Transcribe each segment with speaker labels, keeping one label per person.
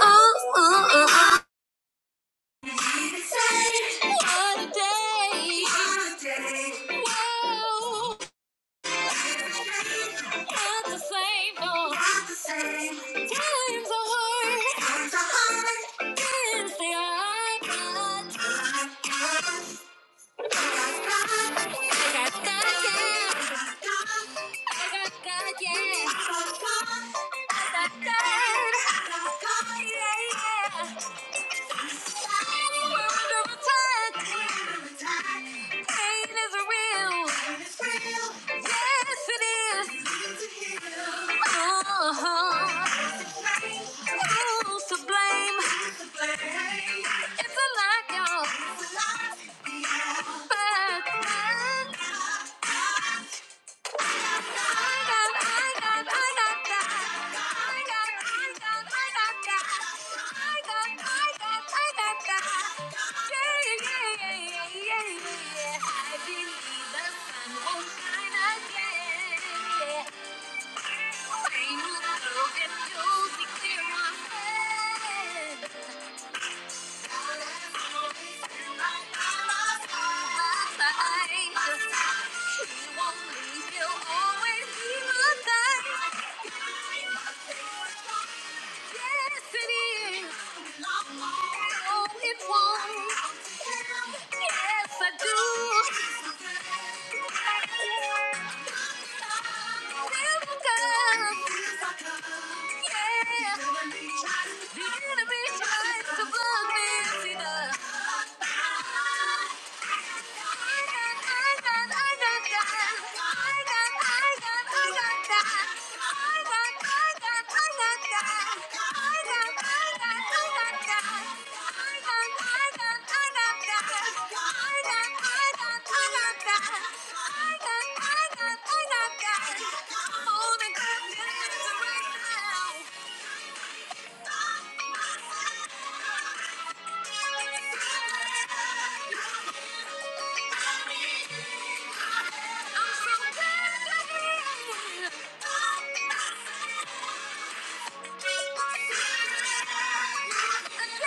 Speaker 1: Oh, oh, oh. What a day. Whoa. Not the No. the same. Times are hard. Times are hard. Times I got God, yeah. I got God, yeah. I got God. I got God, yeah, yeah. It's a lot, y'all. But, but, Rain will go and you'll be clear my head. You're gonna be trying to Yeah. Beautiful, beautiful, beautiful. I got, I'm so glad you're here. I dance with an angel. I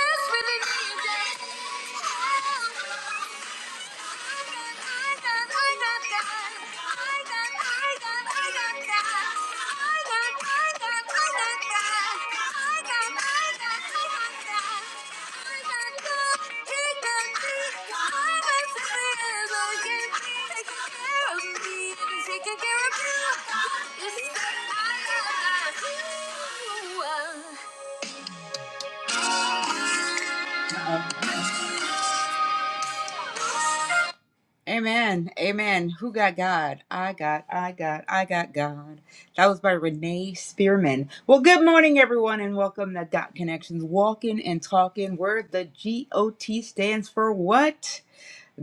Speaker 1: got, I got, I got, I got, I got, I got, I got, I got. Taking care of you. Yes, I love you. Amen. Amen. Who got God? I got, I got, I got God. That was by Renee Spearman. Well, good morning, everyone, and welcome to Dot Connections Walking and Talking, where the G O T stands for what?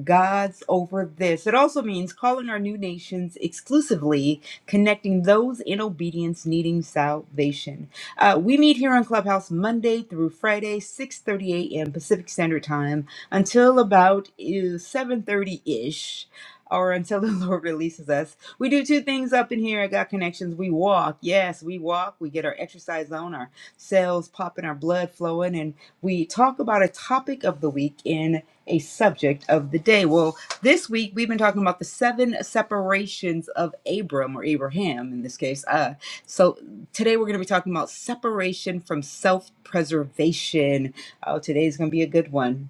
Speaker 1: God's over this. It also means calling our new nations exclusively, connecting those in obedience needing salvation. Uh, we meet here on Clubhouse Monday through Friday, 6:30 a.m. Pacific Standard Time until about 7:30 ish. Or until the Lord releases us. We do two things up in here at God Connections. We walk. Yes, we walk. We get our exercise on, our cells popping, our blood flowing, and we talk about a topic of the week. in a subject of the day. Well, this week we've been talking about the seven separations of Abram or Abraham in this case. Uh, so today we're going to be talking about separation from self preservation. Oh, today's going to be a good one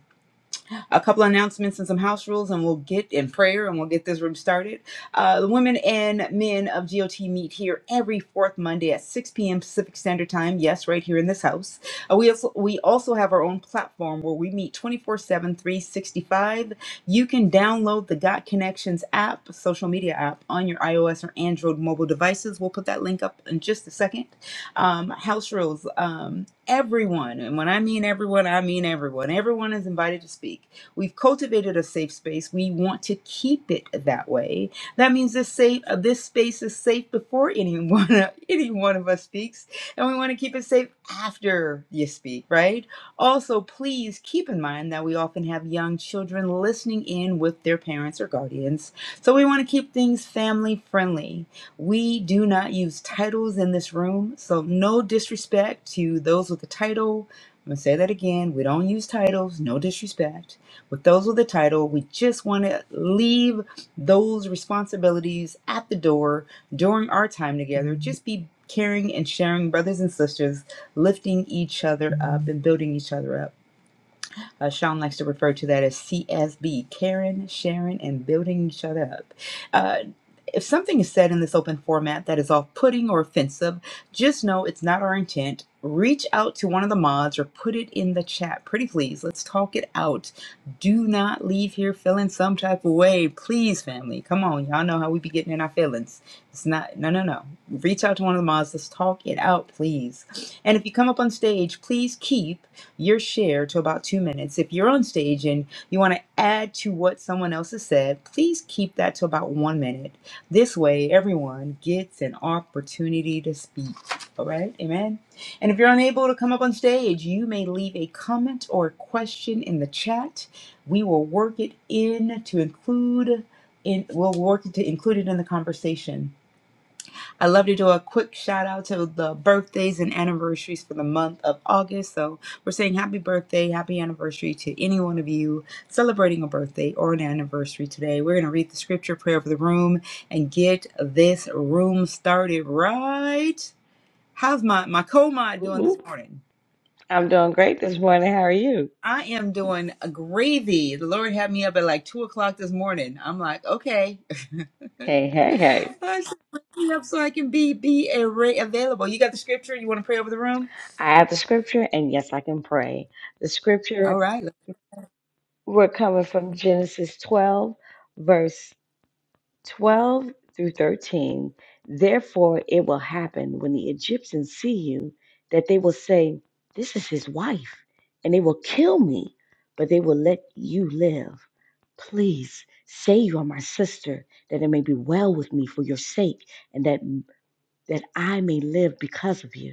Speaker 1: a couple of announcements and some house rules, and we'll get in prayer and we'll get this room started. Uh, the women and men of GOT meet here every fourth Monday at 6 p.m. Pacific Standard Time. Yes, right here in this house. Uh, we, also, we also have our own platform where we meet twenty four seven, three sixty five. You can download the Got Connections app, social media app, on your iOS or Android mobile devices. We'll put that link up in just a second. Um, house rules. Um, everyone, and when I mean everyone, I mean everyone. Everyone is invited to speak. We've cultivated a safe space. We want to keep it that way. That means this safe uh, this space is safe before anyone any one of us speaks, and we want to keep it safe after you speak, right? Also, please keep in mind that we often have young children listening in with their parents or guardians. So we want to keep things family friendly. We do not use titles in this room, so no disrespect to those with a title. I'm gonna say that again. We don't use titles, no disrespect. With those with the title, we just want to leave those responsibilities at the door during our time together. Just be caring and sharing, brothers and sisters, lifting each other up and building each other up. Uh, Sean likes to refer to that as CSB, caring, sharing, and building each other up. Uh, if something is said in this open format that is off putting or offensive, just know it's not our intent. Reach out to one of the mods or put it in the chat. Pretty please, let's talk it out. Do not leave here feeling some type of way. Please, family. Come on. Y'all know how we be getting in our feelings. It's not, no, no, no. Reach out to one of the mods. Let's talk it out, please. And if you come up on stage, please keep your share to about two minutes. If you're on stage and you want to add to what someone else has said, please keep that to about one minute. This way, everyone gets an opportunity to speak. All right, amen. And if you're unable to come up on stage, you may leave a comment or a question in the chat. We will work it in to include in we'll work to include it in the conversation. I love to do a quick shout out to the birthdays and anniversaries for the month of August. So we're saying happy birthday, happy anniversary to any one of you celebrating a birthday or an anniversary today. We're going to read the scripture prayer over the room and get this room started right. How's my, my co-mod
Speaker 2: Whoop,
Speaker 1: doing this
Speaker 2: whoop.
Speaker 1: morning?
Speaker 2: I'm doing great this morning. How are you?
Speaker 1: I am doing a gravy. The Lord had me up at like two o'clock this morning. I'm like, okay.
Speaker 2: Hey, hey, hey.
Speaker 1: I should wake me up so I can be be a- re- available. You got the scripture? You want to pray over the room?
Speaker 2: I have the scripture, and yes, I can pray. The scripture,
Speaker 1: All right. let's get-
Speaker 2: we're coming from Genesis 12, verse 12 through 13. Therefore, it will happen when the Egyptians see you that they will say, This is his wife, and they will kill me, but they will let you live. Please say you are my sister, that it may be well with me for your sake and that. that I may live because of you.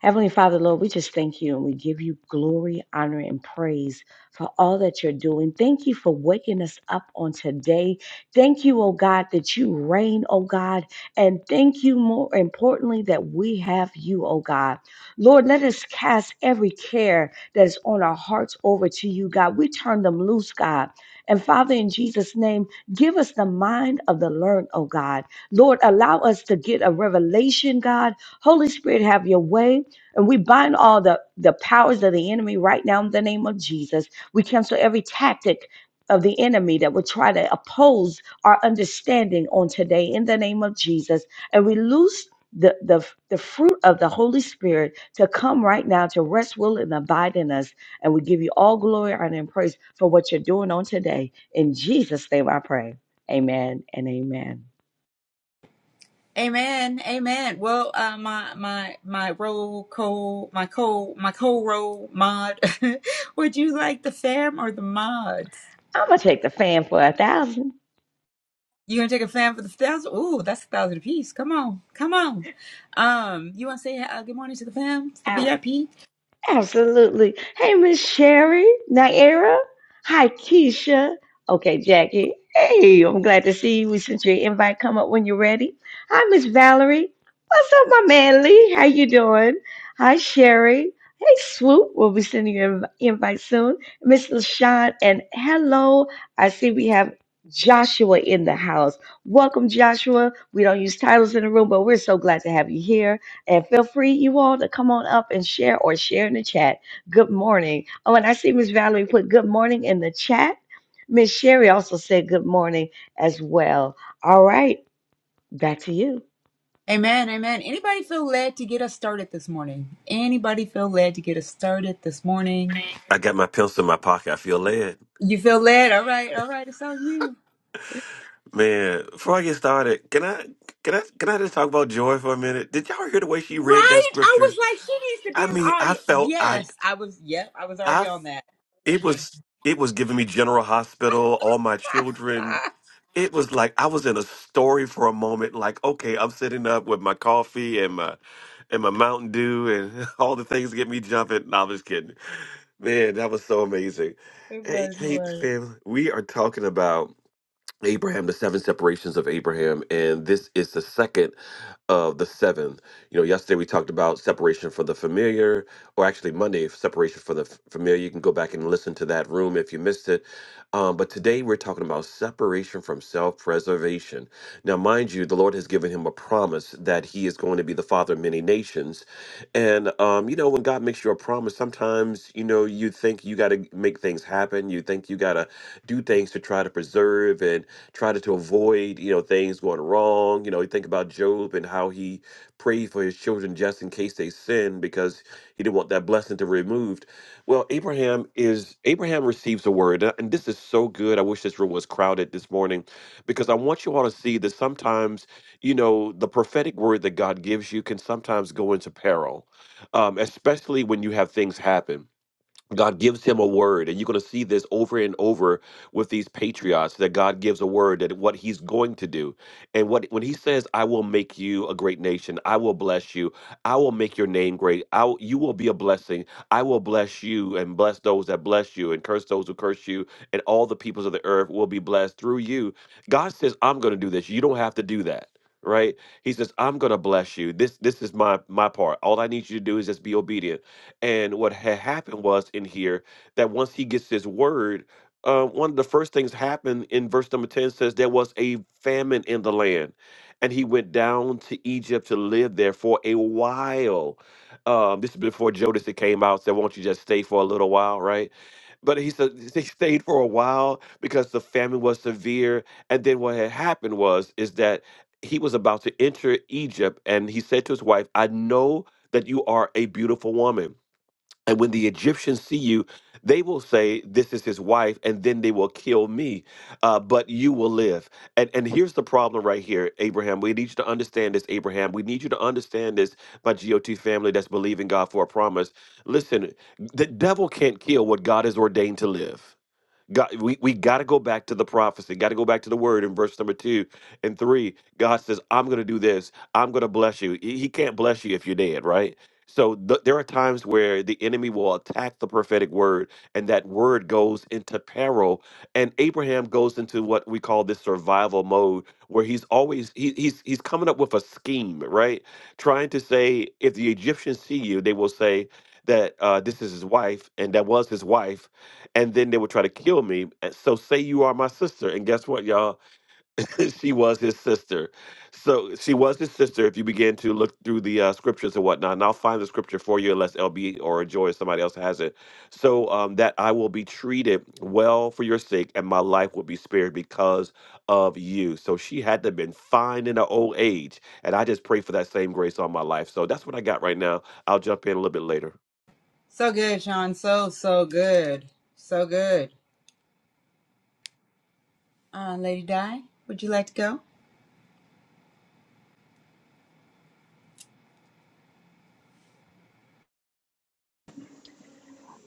Speaker 2: Heavenly Father, Lord, we just thank you and we give you glory, honor, and praise for all that you're doing. Thank you for waking us up on today. Thank you, oh God, that you reign, oh God. And thank you, more importantly, that we have you, oh God. Lord, let us cast every care that's on our hearts over to you, God. We turn them loose, God. And Father, in Jesus' name, give us the mind of the learned, oh God. Lord, allow us to get a revelation, God. Holy Spirit, have your way. And we bind all the, the powers of the enemy right now in the name of Jesus. We cancel every tactic of the enemy that would try to oppose our understanding on today in the name of Jesus. And we loose the, the, the fruit of the Holy Spirit to come right now to rest, will, and abide in us. And we give you all glory, honor, and praise for what you're doing on today. In Jesus' name I pray. Amen and amen.
Speaker 1: Amen. Amen. Well, uh, my my my roll co my co my co roll mod. Would you like the fam or the mods?
Speaker 2: I'm going to take the fan for a thousand.
Speaker 1: You gonna take a fam for the thousand? Ooh, that's a thousand apiece. Come on, come on. Um, you wanna say uh, good morning to the fam, to the VIP?
Speaker 2: Absolutely. Hey, Miss Sherry, Naira. Hi, Keisha. Okay, Jackie. Hey, I'm glad to see you. We sent your invite. Come up when you're ready. Hi, Miss Valerie. What's up, my man Lee? How you doing? Hi, Sherry. Hey, Swoop. We'll be sending you an invite soon. Miss LaShawn. And hello. I see we have Joshua in the house. Welcome, Joshua. We don't use titles in the room, but we're so glad to have you here. And feel free, you all, to come on up and share or share in the chat. Good morning. Oh, and I see Miss Valerie put good morning in the chat. Miss Sherry also said good morning as well. All right, back to you.
Speaker 1: Amen, amen. Anybody feel led to get us started this morning? Anybody feel led to get us started this morning?
Speaker 3: I got my pencil in my pocket. I feel led.
Speaker 1: You feel led? All right, all right. It's on you.
Speaker 3: Man, before I get started, can I can I can I just talk about Joy for a minute? Did y'all hear the way she read that
Speaker 1: Right? I was
Speaker 3: scripture?
Speaker 1: like, she needs to be
Speaker 3: I
Speaker 1: an
Speaker 3: mean, I
Speaker 1: audience.
Speaker 3: felt I
Speaker 1: Yes, I was. Yep, I was already
Speaker 3: I
Speaker 1: on that.
Speaker 3: it was it was giving me General Hospital, all my children.
Speaker 1: Ah,
Speaker 3: It was like I was in a story for a moment, like, okay, I'm sitting up with my coffee and my and my Mountain Dew and all the things get me jumping. No, I'm just kidding. Man, that was so amazing.
Speaker 1: it
Speaker 3: Hey,
Speaker 1: was. It
Speaker 3: hey,
Speaker 1: was
Speaker 3: fam, we are talking about Abraham, the seven separations of Abraham, and this is the second of the seven. You know, yesterday we talked about separation from the familiar, or actually Monday, separation from the f- familiar. You can go back and listen to that room if you missed it. Um, but today we're talking about separation from self preservation. Now, mind you, the Lord has given him a promise that he is going to be the father of many nations. And, um, you know, when God makes you a promise, sometimes, you know, you think you got to make things happen. You think you got to do things to try to preserve and try to, to avoid, you know, things going wrong wrong. You know, you think about Job and how he prayed for his children just in case they sinned because he didn't want that blessing to be removed. Well, Abraham is Abraham receives a word, and and this is so good. I wish this room was crowded this morning because I want you all to see that sometimes, you know, the prophetic word that God gives you can sometimes go into peril, um, especially when you have things happen. God gives him a word, and you're going to see this over and over with these patriots that God gives a word that what he's going to do. And what when he says, I will make you a great nation, I will bless you, I will make your name great, I will, you will be a blessing, I will bless you and bless those that bless you, and curse those who curse you, and all the peoples of the earth will be blessed through you. God says, I'm going to do this. You don't have to do that. Right? He says, I'm gonna bless you. This this is my my part. All I need you to do is just be obedient. And what had happened was in here that once he gets his word, uh, one of the first things happened in verse number 10 says there was a famine in the land. And he went down to Egypt to live there for a while. Um, this is before Joseph came out, said, Won't you just stay for a little while, right? But he said they stayed for a while because the famine was severe. And then what had happened was is that he was about to enter Egypt and he said to his wife, I know that you are a beautiful woman. And when the Egyptians see you, they will say, This is his wife, and then they will kill me, uh, but you will live. And, and here's the problem right here, Abraham. We need you to understand this, Abraham. We need you to understand this, my GOT family that's believing God for a promise. Listen, the devil can't kill what God has ordained to live. God, we, we got to go back to the prophecy, got to go back to the word in verse number two and three. God says, I'm going to do this. I'm going to bless you. He he can't bless you if you're dead, right? So th- there are times where the enemy will attack the prophetic word, and that word goes into peril. And Abraham goes into what we call this survival mode, where he's always he, he's he's coming up with a scheme, right? Trying to say, if the Egyptians see you, they will say that uh, this is his wife, and that was his wife and then they would try to kill me. And so say you are my sister, and guess what, y'all? she was his sister. So she was his sister. If you begin to look through the uh, scriptures and whatnot, and I'll find the scripture for you, unless LB or Joy or somebody else has it. So um, that I will be treated well for your sake, and my life will be spared because of you. So she had to have been fine in her old age, and I just pray for that same grace on my life. So that's what I got right now. I'll jump in a little bit later.
Speaker 1: so good, Sean. So so good. So good. Uh, Lady Di, would you like to go?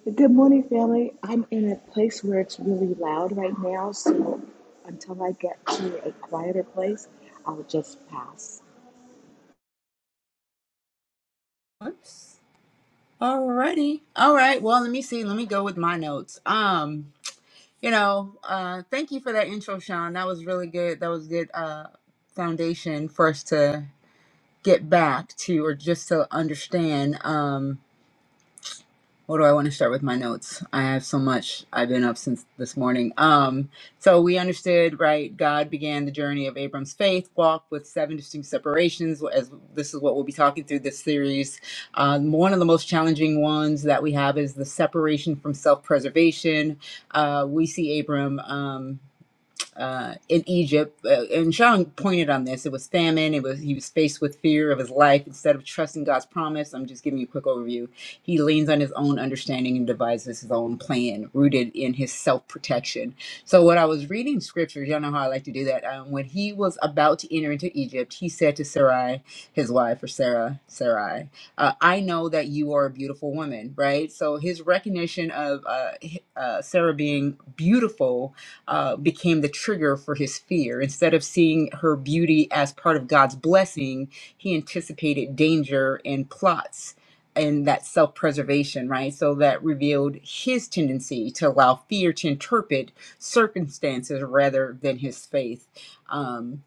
Speaker 4: Good morning, family. I'm in a place where it's really loud right now, so until I get to a quieter place, I'll just pass.
Speaker 1: Whoops. Alrighty. All right. Well, let me see. Let me go with my notes. Um, you know, uh, thank you for that intro, Sean. That was really good. That was good. Uh, foundation for us to get back to or just to understand. Um, What do I want to start with my notes? I have so much. I've been up since this morning. Um, so we understood, right? God began the journey of Abram's faith walk with seven distinct separations. As this is what we'll be talking through this series. Um, one of the most challenging ones that we have is the separation from self-preservation. Uh, we see Abram. Um, uh, in Egypt. Uh, and Sean pointed on this. It was famine. It was he was faced with fear of his life. Instead of trusting God's promise, I'm just giving you a quick overview. He leans on his own understanding and devises his own plan, rooted in his self protection. So when I was reading scriptures, y'all know how I like to do that. Um, when he was about to enter into Egypt, he said to Sarai, his wife, or Sarah, Sarai, uh, I know that you are a beautiful woman, right? So his recognition of uh, hi- uh, Sarah being beautiful uh, became the trigger for his fear. Instead of seeing her beauty as part of God's blessing, he anticipated danger and plots and that self preservation, right? So that revealed his tendency to allow fear to interpret circumstances rather than his faith. Um,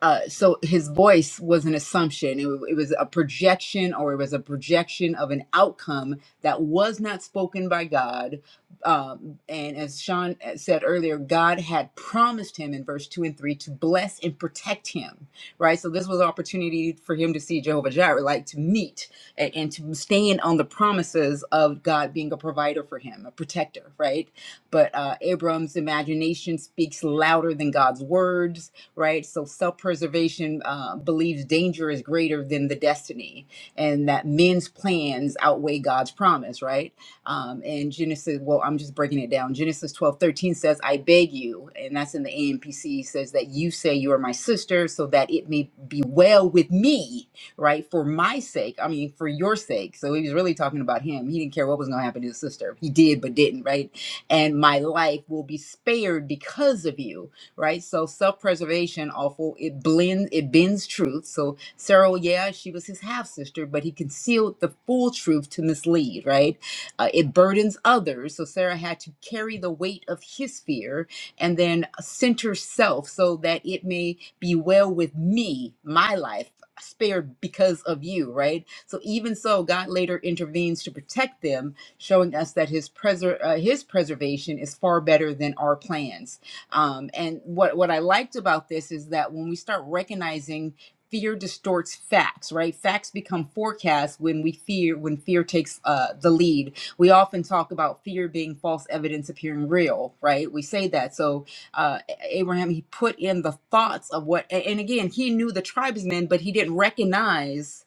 Speaker 1: uh, so his voice was an assumption. It, wa- it was a projection, or it was a projection of an outcome that was not spoken by God. Um, and as Sean said earlier, God had promised him in verse two and three to bless and protect him. Right. So this was an opportunity for him to see Jehovah Jireh, like to meet and, and to stand on the promises of God being a provider for him, a protector. Right. But uh, Abram's imagination speaks louder than God's words right? So self preservation uh, believes danger is greater than the destiny and that men's plans outweigh God's promise, right? Um, and Genesis, well, I'm just breaking it down. Genesis 12 13 says, I beg you, and that's in the AMPC, says that you say you are my sister so that it may be well with me, right? For my sake, I mean, for your sake. So he was really talking about him. He didn't care what was going to happen to his sister. He did, but didn't, right? And my life will be spared because of you right? So self-preservation awful. It blends, it bends truth. So Sarah, yeah, she was his half sister, but he concealed the full truth to mislead, right? Uh, it burdens others. So Sarah had to carry the weight of his fear and then center self so that it may be well with me, my life spared because of you, right? So even so, God later intervenes to protect them, showing us that his preser- uh, his preservation is far better than our plans. Um, and what what I liked about this is that when we start recognizing fear distorts facts, right? Facts become forecasts when we fear when fear takes uh, the lead. We often talk about fear being false evidence appearing real, right? We say that. So uh, A- Abraham he put in the thoughts of what, a- and again he knew the tribesmen, but he didn't recognize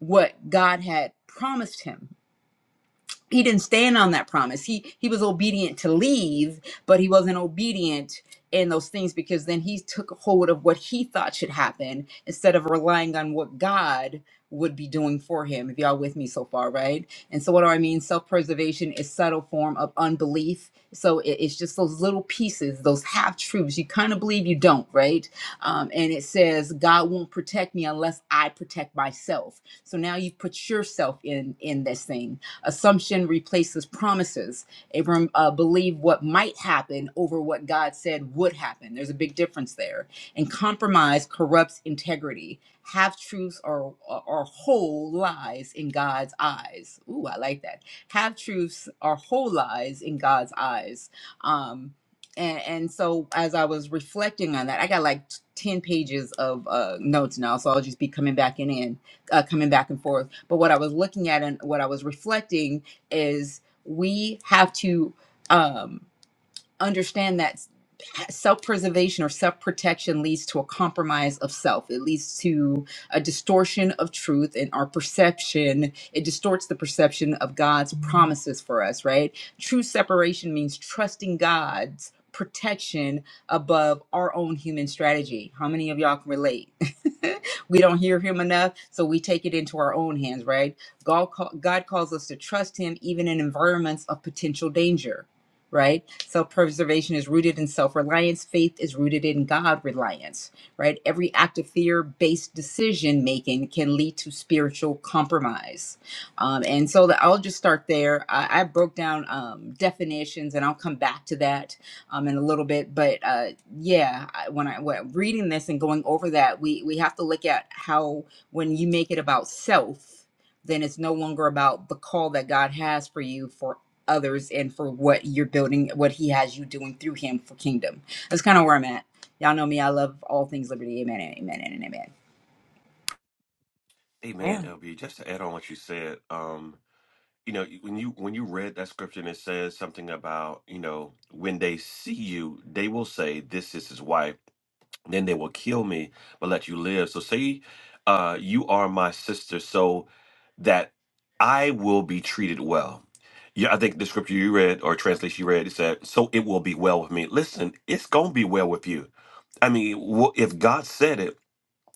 Speaker 1: what God had promised him he didn't stand on that promise. He he was obedient to leave, but he wasn't obedient in those things because then he took hold of what he thought should happen instead of relying on what God would be doing for him. If y'all with me so far, right? And so what do I mean? Self-preservation is subtle form of unbelief. So it- it's just those little pieces, those half truths. You kind of believe you don't, right? Um, and it says God won't protect me unless I protect myself. So now you've put yourself in in this thing Assumption replaces promises. Abram uh, believed what might happen over what God said would happen. There's a big difference there. And compromise corrupts integrity. Half truths are, are whole lies in God's eyes. Ooh, I like that. Half truths are whole lies in God's eyes. Um, and, and so as I was reflecting on that, I got like 10 pages of uh, notes now, so I'll just be coming back in uh, coming back and forth. But what I was looking at and what I was reflecting is we have to. Um, understand that self preservation or self protection leads to a compromise of self. It leads to a distortion of truth and our perception. It distorts the perception of God's promises for us, right? True separation means trusting God's protection above our own human strategy. How many of y'all can relate? we don't hear him enough, so we take it into our own hands, right? God, call, God calls us to trust him even in environments of potential danger right? Self preservation is rooted in self reliance. Faith is rooted in God reliance, right? Every act of fear based decision making can lead to spiritual compromise. Um, and so the, I'll just start there. I, I broke down um, definitions and I'll come back to that um, in a little bit. But uh, yeah, I- when I when reading this and going over that, we, we have to look at how when you make it about self, then it's no longer about the call that God has for you for others and for what you're building, what he has you doing through him for kingdom. That's kind of where I'm at. Y'all know me. I love all things liberty. Amen. and Amen. and Amen.
Speaker 3: Hey man,
Speaker 2: Yeah.
Speaker 3: LB, just to add on what you said, um, you know when you when you read that scripture and it says something about you know when they see you they will say this is his wife then they will kill me but let you live so say uh you are my sister so that i will be treated well yeah i think the scripture you read or translation you read it said so it will be well with me listen it's gonna be well with you i mean wh- if god said it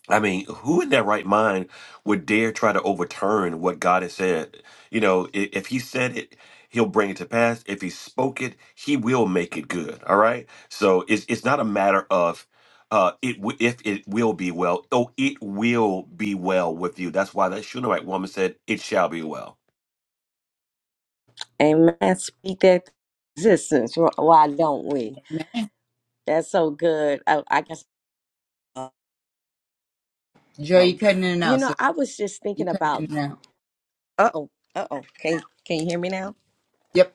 Speaker 3: I mean, who in their right mind would dare try to overturn what God has said? You know, i- if He said it, He'll bring it to pass. If He spoke it, He will make it good. All right. So it's it's not a matter of uh, it w- if it will be well. Oh, it will be well with you. That's why that Shunammite woman said, "It shall be well."
Speaker 2: Amen. Speak that existence. Wh- Why don't we?
Speaker 1: Amen.
Speaker 2: That's so good. I, I guess,
Speaker 1: Joy, you
Speaker 2: um,
Speaker 1: cutting in and
Speaker 2: you
Speaker 1: out.
Speaker 2: know,
Speaker 1: So
Speaker 2: I was just
Speaker 1: you
Speaker 2: thinking
Speaker 1: cutting
Speaker 2: about.
Speaker 1: in and out.
Speaker 2: Uh oh. Uh oh. Can Can you hear me now?
Speaker 1: Yep.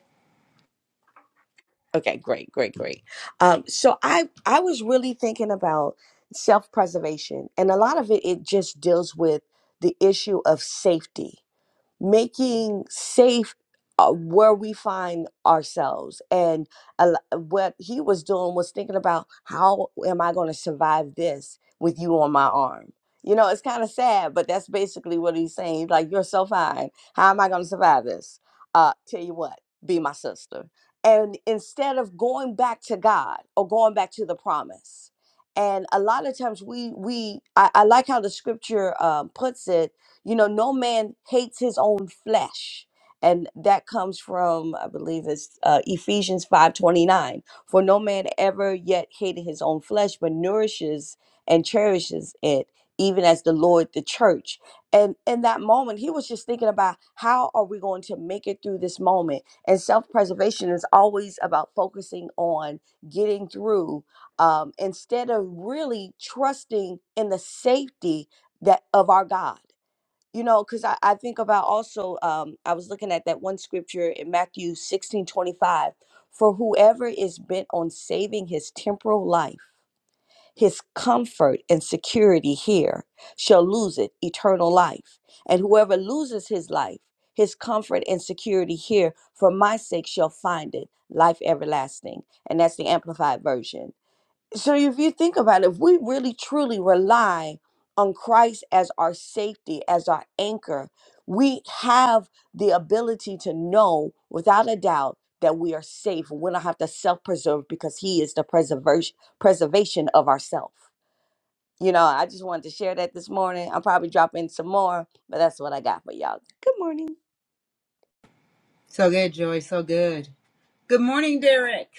Speaker 2: Okay, great, great, great. Um, so I I was really thinking about self preservation, and a lot of it it just deals with the issue of safety making safe uh, where we find ourselves. And a lo- what he was doing was thinking about how am I going to survive this with you on my arm? You know, it's kind of sad, but that's basically what he's saying. He's Like, you're so fine. How am I going to survive this? Uh, tell you what, be my sister. And instead of going back to God or going back to the promise, and a lot of times we we I, I like how the scripture um, puts it you know, no man hates his own flesh. And that comes from, I believe it's uh, Ephesians 5.29. For no man ever yet hated his own flesh, but nourishes and cherishes it, even as the Lord the church. And in that moment, he was just thinking about how are we going to make it through this moment? And self-preservation is always about focusing on getting through um, instead of really trusting in the safety that of our God you know because I, I think about also um, i was looking at that one scripture in matthew 16 25, for whoever is bent on saving his temporal life his comfort and security here shall lose it eternal life and whoever loses his life his comfort and security here for my sake shall find it life everlasting and that's the amplified version so if you think about it, if we really truly rely on Christ as our safety, as our anchor, we have the ability to know without a doubt that we are safe. We don't have to self-preserve because He is the preservation preservation of ourself. You know, I just wanted to share that this morning. I'll probably drop in some more, but that's what I got for y'all. Good morning.
Speaker 1: So good, Joy. So good. Good morning, Derek.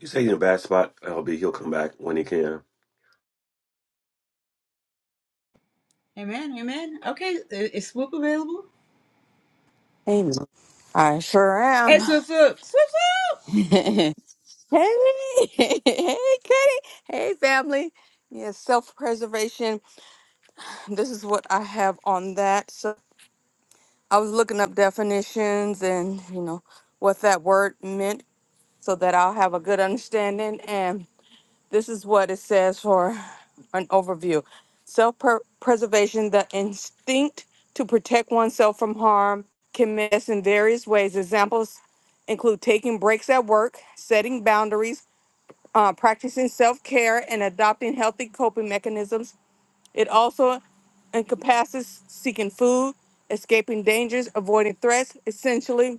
Speaker 3: You say you're in a bad spot, LB. He'll come back when he can.
Speaker 1: Amen. Amen. Okay. Is is Swoop available?
Speaker 5: Amen. I sure am.
Speaker 1: Hey, Swoop, Swoop. Swoop, Swoop.
Speaker 5: hey, hey, Kitty. Hey, family. Yes, self preservation. This is what I have on that. So I was looking up definitions and, you know, what that word meant so that I'll have a good understanding. And this is what it says for an overview. Self preservation, the instinct to protect oneself from harm, can manifest in various ways. Examples include taking breaks at work, setting boundaries, uh, practicing self care, and adopting healthy coping mechanisms. It also encompasses seeking food, escaping dangers, avoiding threats. Essentially,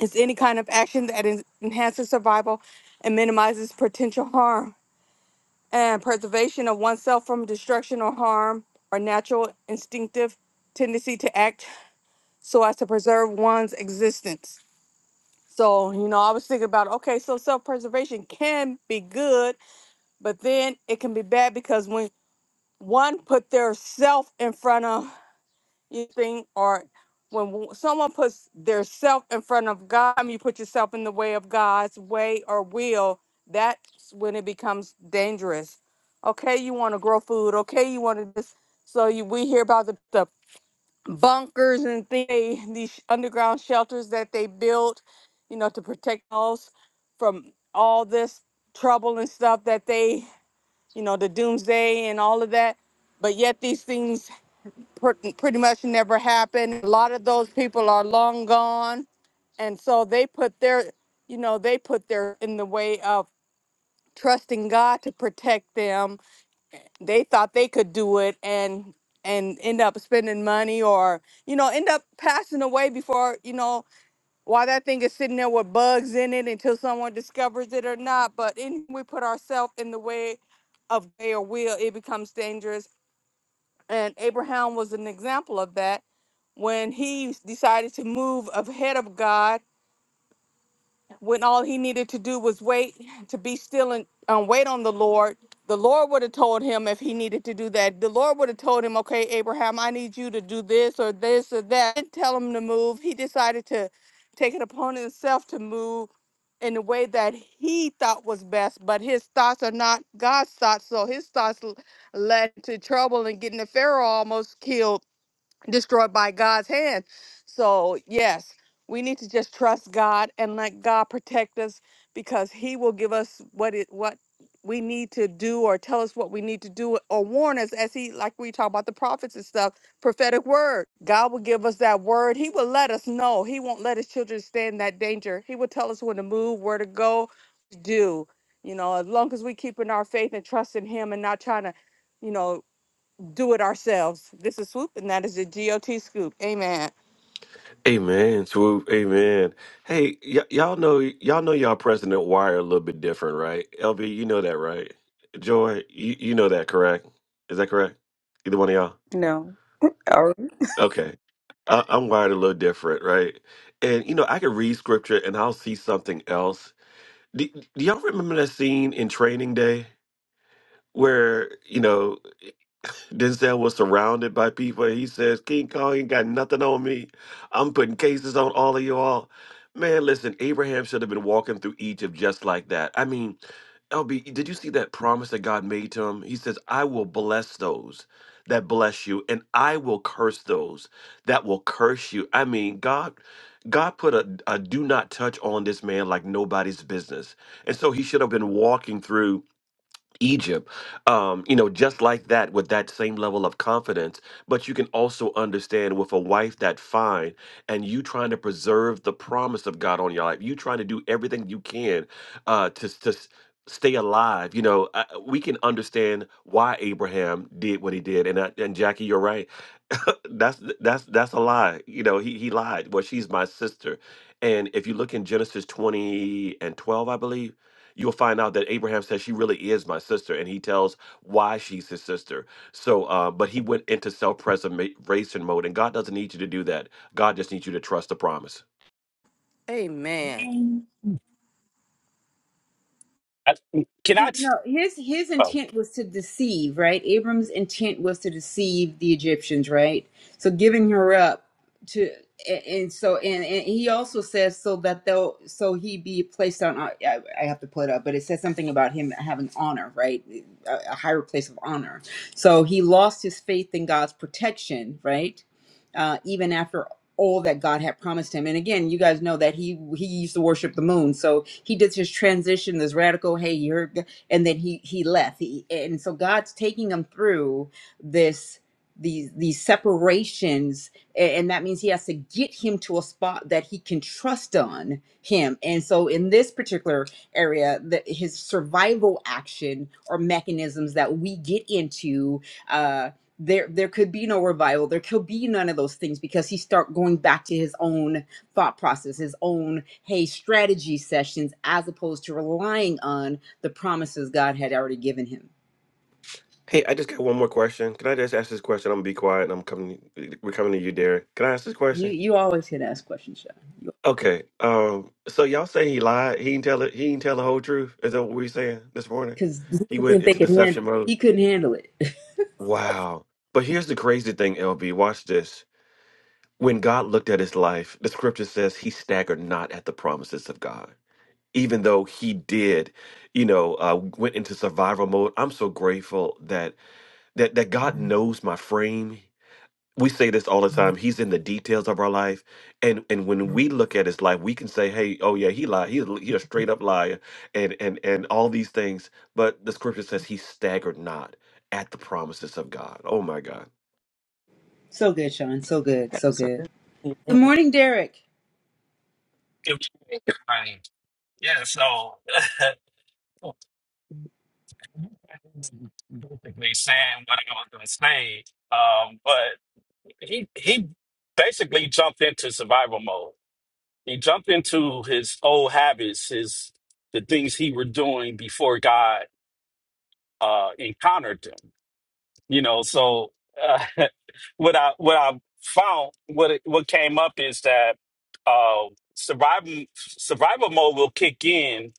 Speaker 5: it's any kind of action that en- enhances survival and minimizes potential harm and preservation of oneself from destruction or harm or natural instinctive tendency to act so as to preserve one's existence. So, you know, I was thinking about okay, so self preservation can be good, but then it can be bad because when one put their self in front of you think or when w- someone puts their self in front of god I mean, you put yourself in the way of god's way or will that's when it becomes dangerous okay you want to grow food okay you want to this so you we hear about the, the bunkers and things, these underground shelters that they built you know to protect us from all this trouble and stuff that they you know the doomsday and all of that but yet these things pre- pretty much never happened. A lot of those people are long gone, and so they put their, you know, they put their in the way of trusting God to protect them. They thought they could do it, and and end up spending money or you know end up passing away before you know why that thing is sitting there with bugs in it until someone discovers it or not but in we put ourselves in the way of their will it becomes dangerous and Abraham was an example of that when he decided to move ahead of God, when all he needed to do was wait to be still and um, wait on the Lord. The Lord would have told him if he needed to do that. The Lord would have told him, okay, Abraham, I need you to do this or this or that. Didn't tell him to move. He decided to take it upon himself to move in the way that he thought was best, but his thoughts are not God's thoughts. So his thoughts l- led to trouble and getting the Pharaoh almost killed destroyed by God's hand. So, yes, we need to just trust God and let God protect us because he will give us what it what we need to do or tell us what we need to do or warn us as he like we talk about the prophets and stuff prophetic word god will give us that word he will let us know he won't let his children stand that danger he will tell us when to move where to go do you know as long as we keep in our faith and trust in him and not trying to you know do it ourselves. This is Swoop, and that is the GOT Scoop. Amen.
Speaker 3: Amen, swoop. Amen. Hey, y- y'all know y'all know y'all president wire a little bit different, right? LB, you know that, right? Joy, you, you know that, correct? Is that correct? Either one of y'all?
Speaker 2: No. All
Speaker 3: Okay. I- I'm wired a little different, right? And you know, I can read scripture and I'll see something else. Do, do y'all remember that scene in Training Day where you know Denzel was surrounded by people. He says, King Kong ain't got nothing on me. I'm putting cases on all of you all. Man, listen, Abraham should have been walking through Egypt just like that. I mean, LB, did you see that promise that God made to him? He says, I will bless those that bless you, and I will curse those that will curse you. I mean, God. God put a, a do not touch on this man like nobody's business. And so he should have been walking through Egypt, um, you know, just like that, with that same level of confidence. But you can also understand with a wife that fine, and you trying to preserve the promise of God on your life. You trying to do everything you can uh, to to s- stay alive. You know, uh, we can understand why Abraham did what he did. And I, and Jackie, you're right that's that's that's a lie. You know, he he lied. Well, she's my sister. And if you look in Genesis 20 and 12, I believe, you'll find out that Abraham says she really is my sister and he tells why she's his sister. So, uh, but he went into self-preservation mode and God doesn't need you to do that. God just needs you to trust the promise.
Speaker 5: Amen.
Speaker 6: I, can I?
Speaker 1: See,
Speaker 6: T-
Speaker 1: no, his his
Speaker 6: oh,
Speaker 1: intent was to deceive, right? Abram's intent was to deceive the Egyptians, right? So giving her up to, and, and so and, and he also says so that they'll so he be placed on. I, I have to pull it up, but it says something about him having honor, right? A, a higher place of honor. So he lost his faith in God's protection, right? Uh, even after all that God had promised him. And again, you guys know that he he used to worship the moon. So he did his transition, this radical, hey, you're and then he he left he, and so god's taking him through this these these separations a- and that means he has to get him to a spot that he can trust on him and so in this particular area that his survival action or mechanisms that we get into uh there there could be no revival there could be none of those things because he start going back to his own thought process his own hey strategy sessions as opposed to relying on the promises god had already given him
Speaker 3: Hey, I just got one more question. Can I just ask this question? I'm gonna be quiet and I'm coming we're coming to you, Derek. Can I ask this question?
Speaker 1: you you always can ask questions sean
Speaker 3: Okay. Um. So y'all say he lied. He didn't tell it. He didn't tell the whole truth. Is that what we saying this morning?
Speaker 1: because he
Speaker 3: He went
Speaker 1: didn't think
Speaker 3: into
Speaker 1: he could handle it.
Speaker 3: deception mode.
Speaker 1: he couldn't handle it
Speaker 3: Wow. But here's the crazy thing, LB. Watch this. When God looked at his life, the scripture says he staggered not at the promises of God. Even though he did, you know, uh, went into survival mode. I'm so grateful that that that God knows my frame. we say this all the time. He's in the details of our life, and and when we look at his life, we can say, "Hey, oh yeah, he lied. He's he a straight up liar," and and and all these things. But the scripture says he staggered not at the promises of God. Oh my God.
Speaker 1: so good sean so good so good
Speaker 2: right.
Speaker 1: good morning derek
Speaker 6: give me my- yeah. So basically saying what I was going to say, um, but he he basically jumped into survival mode. He jumped into his old habits, his the things he were doing before God uh, encountered him. you know so uh, what i what i found what it, what came up is that uh survival survival mode will kick in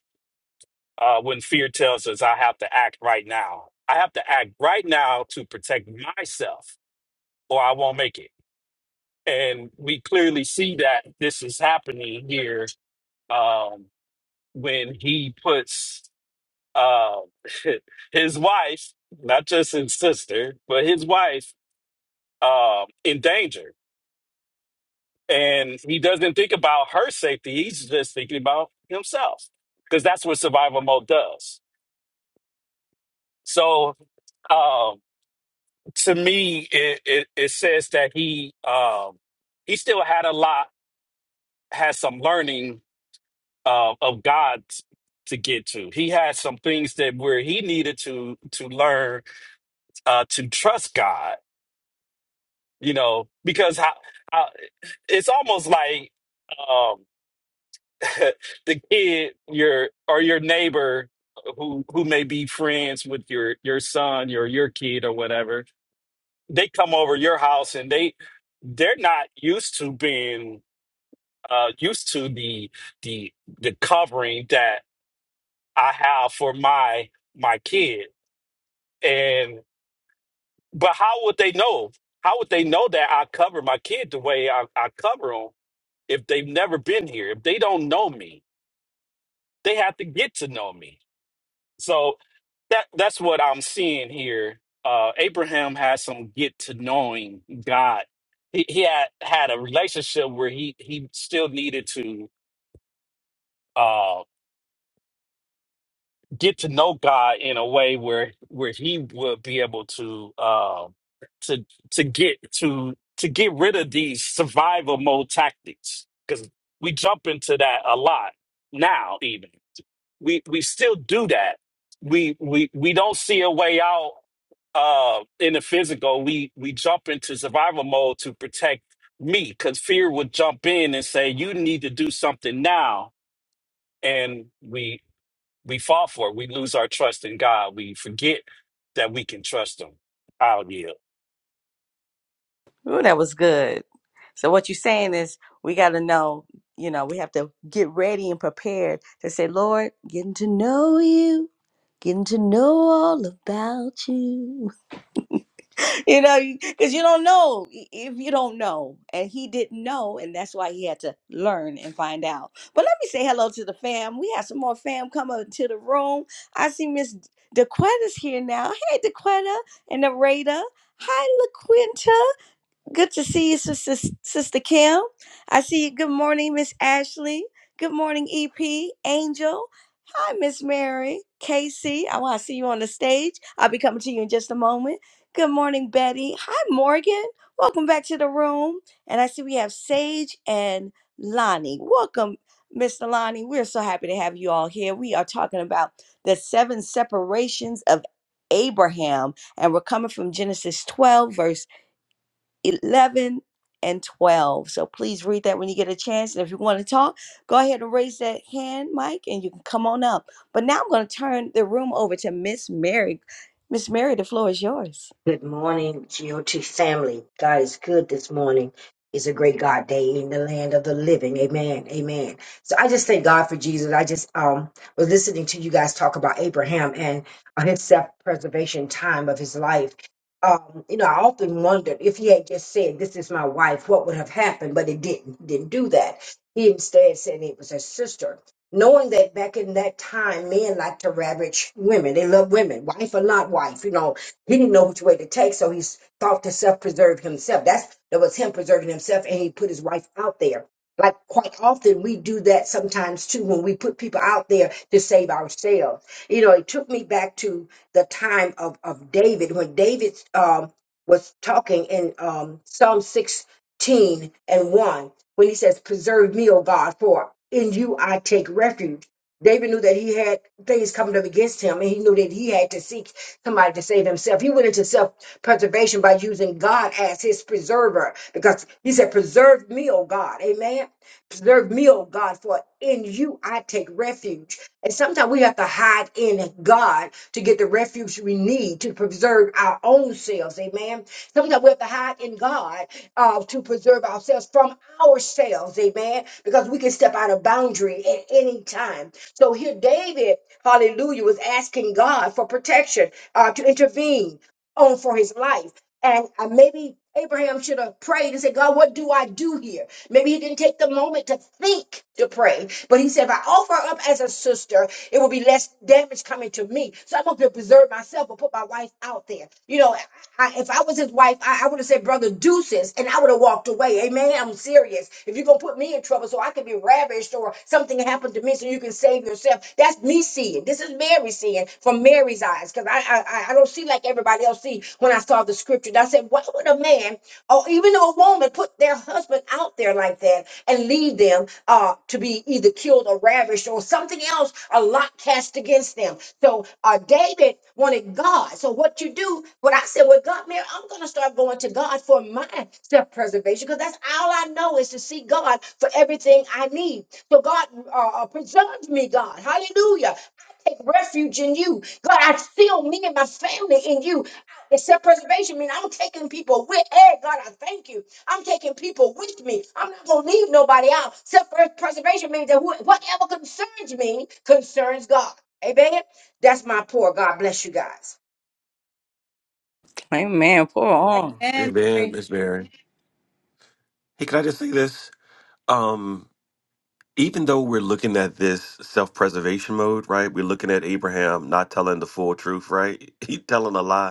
Speaker 6: uh when fear tells us i have to act right now i have to act right now to protect myself or i won't make it and we clearly see that this is happening here um when he puts uh his wife not just his sister but his wife um in danger And he doesn't think about her safety. He's just thinking about himself because that's what survival mode does. So um, to me, it, it, it says that he um, he still had a lot, had some learning uh, of God to get to. He had some things that where he needed to to learn uh, to trust God. You know, because how, how it's almost like. um, the kid your or your neighbor uh, who who may be friends with your your son or your kid or whatever they come over your house and they they're not used to being uh used to the the the covering that i have for my my kid and but how would they know how would they know that i cover my kid the way i, I cover them if they've never been here if they don't know me they have to get to know me So. that that's what I'm seeing here. Uh, Abraham had some get to knowing God. He, he had had a relationship where he he still needed to uh, get to know God in a way where where he would be able to uh, to to get to to get rid of these survival mode tactics because we jump into that a lot now even. we we still do that. We we we don't see a way out uh in the physical. We we jump into survival mode to protect me because fear would jump in and say, You need to do something now. And we we fall for it. We lose our trust in God. We forget that we can trust him. I'll yield.
Speaker 2: Ooh, that was good. So what you're saying is we got to know, you know, we have to get ready and prepared to say, Lord, getting to know you, getting to know all about you. you know, because you don't know i- if you don't know. And he didn't know, and that's why he had to learn and find out. But let me say hello to the fam. We have some more fam come up to the room. I see Miss DeQuetta's here now. Hey, DeQuetta and Narada. Hi, LaQuinta. Good to see you, Sister, Sister Kim. I see you. Good morning, Miss Ashley. Good morning, EP, Angel. Hi, Miss Mary. Casey, I want to see you on the stage. I'll be coming to you in just a moment. Good morning, Betty. Hi, Morgan. Welcome back to the room. And I see we have Sage and Lonnie. Welcome, Mr. Lonnie. We're so happy to have you all here. We are talking about the seven separations of Abraham, and we're coming from Genesis 12, verse 11 and 12. So please read that when you get a chance. And if you want to talk, go ahead and raise that hand, Mike, and you can come on up. But now I'm going to turn the room over to Miss Mary. Miss Mary, the floor is yours.
Speaker 7: Good morning, GOT family. God is good this morning. It's a great God day in the land of the living. Amen. Amen. So I just thank God for Jesus. I just um was listening to you guys talk about Abraham and uh, his self-preservation time of his life. Um, you know, I often wondered if he had just said, This is my wife, what would have happened? But it didn't. He didn't do that. He instead said it was his sister. Knowing that back in that time, men like to ravage women. They love women, wife or not wife, you know he didn't know which way to take, so he thought to self-preserve himself. That's that was him preserving himself, and he put his wife out there. Like quite often, we do that sometimes too when we put people out there to save ourselves. You know, it took me back to the time of of David when David um, was talking in um, Psalm sixteen and one when he says, "Preserve me, O God, for in you I take refuge." David knew that he had things coming up against him, and he knew that he had to seek somebody to save himself. He went into self preservation by using God as his preserver because he said, Preserve me, O God. Amen. Preserve me, oh God, for in you I take refuge. And sometimes we have to hide in God to get the refuge we need to preserve our own selves. Amen. Sometimes we have to hide in God uh, to preserve ourselves from ourselves. Amen. Because we can step out of boundary at any time. So here, David, hallelujah, was asking God for protection, uh, to intervene on for his life. And uh, maybe Abraham should have prayed and said, God, what do I do here? Maybe he didn't take the moment to think to pray, but he said, if I offer up as a sister, it will be less damage coming to me. So I'm going to preserve myself and put my wife out there. You know, I, if I was his wife, I, I would have said, brother, deuces, and I would have walked away. Amen. I'm serious. If you're going to put me in trouble so I can be ravished or something happened to me so you can save yourself, that's me seeing. This is Mary seeing from Mary's eyes eyes because I, I I don't see like everybody else see when I saw the scripture. And I said, why would a man or even a woman put their husband out there like that and leave them uh, to be either killed or ravished or something else, a lot cast against them? So uh, David wanted God. So what you do, what I said, well, God, man, I'm going to start going to God for my self-preservation because that's all I know is to see God for everything I need. So God uh, uh, preserves me, God. Hallelujah take refuge in you. God, I seal me and my family in you. Except preservation means I'm taking people with. Hey, God, I thank you. I'm taking people with me. I'm not gonna leave nobody out. Self preservation means that who- whatever concerns me concerns God. Amen. That's my poor. God bless you guys.
Speaker 2: Amen. Pour on.
Speaker 1: and mary
Speaker 3: Amen, Miss Mary. Hey, can I just say this? Um, even though we're looking at this self preservation mode, right? We're looking at Abraham not telling the full truth, right? He telling a lie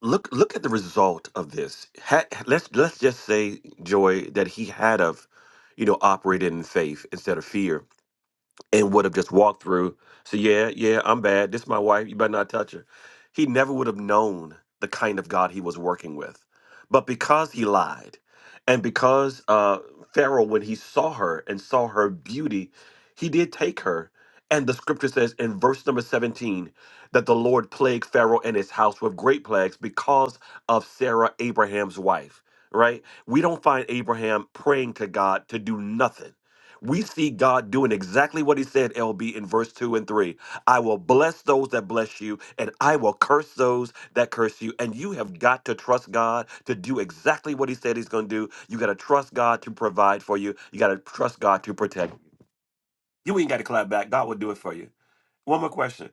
Speaker 3: look look at the result of this. Had, let's let's just say, Joy, that he had of, you know, operated in faith instead of fear and would have just walked through. So yeah, yeah, I'm bad. This is my wife. You better not touch her. He never would have known the kind of God he was working with. But because he lied, and because uh, Pharaoh, when he saw her and saw her beauty, he did take her. And the scripture says in verse number 17 that the Lord plagued Pharaoh and his house with great plagues because of Sarah, Abraham's wife, right? We don't find Abraham praying to God to do nothing we see God doing exactly what he said, LB, in verse 2 and 3. I will bless those that bless you, and I will curse those that curse you. And you have got to trust God to do exactly what he said he's going to do. You got to trust God to provide for you. You got to trust God to protect you. You ain't got to clap back. God will do it for you. One more question.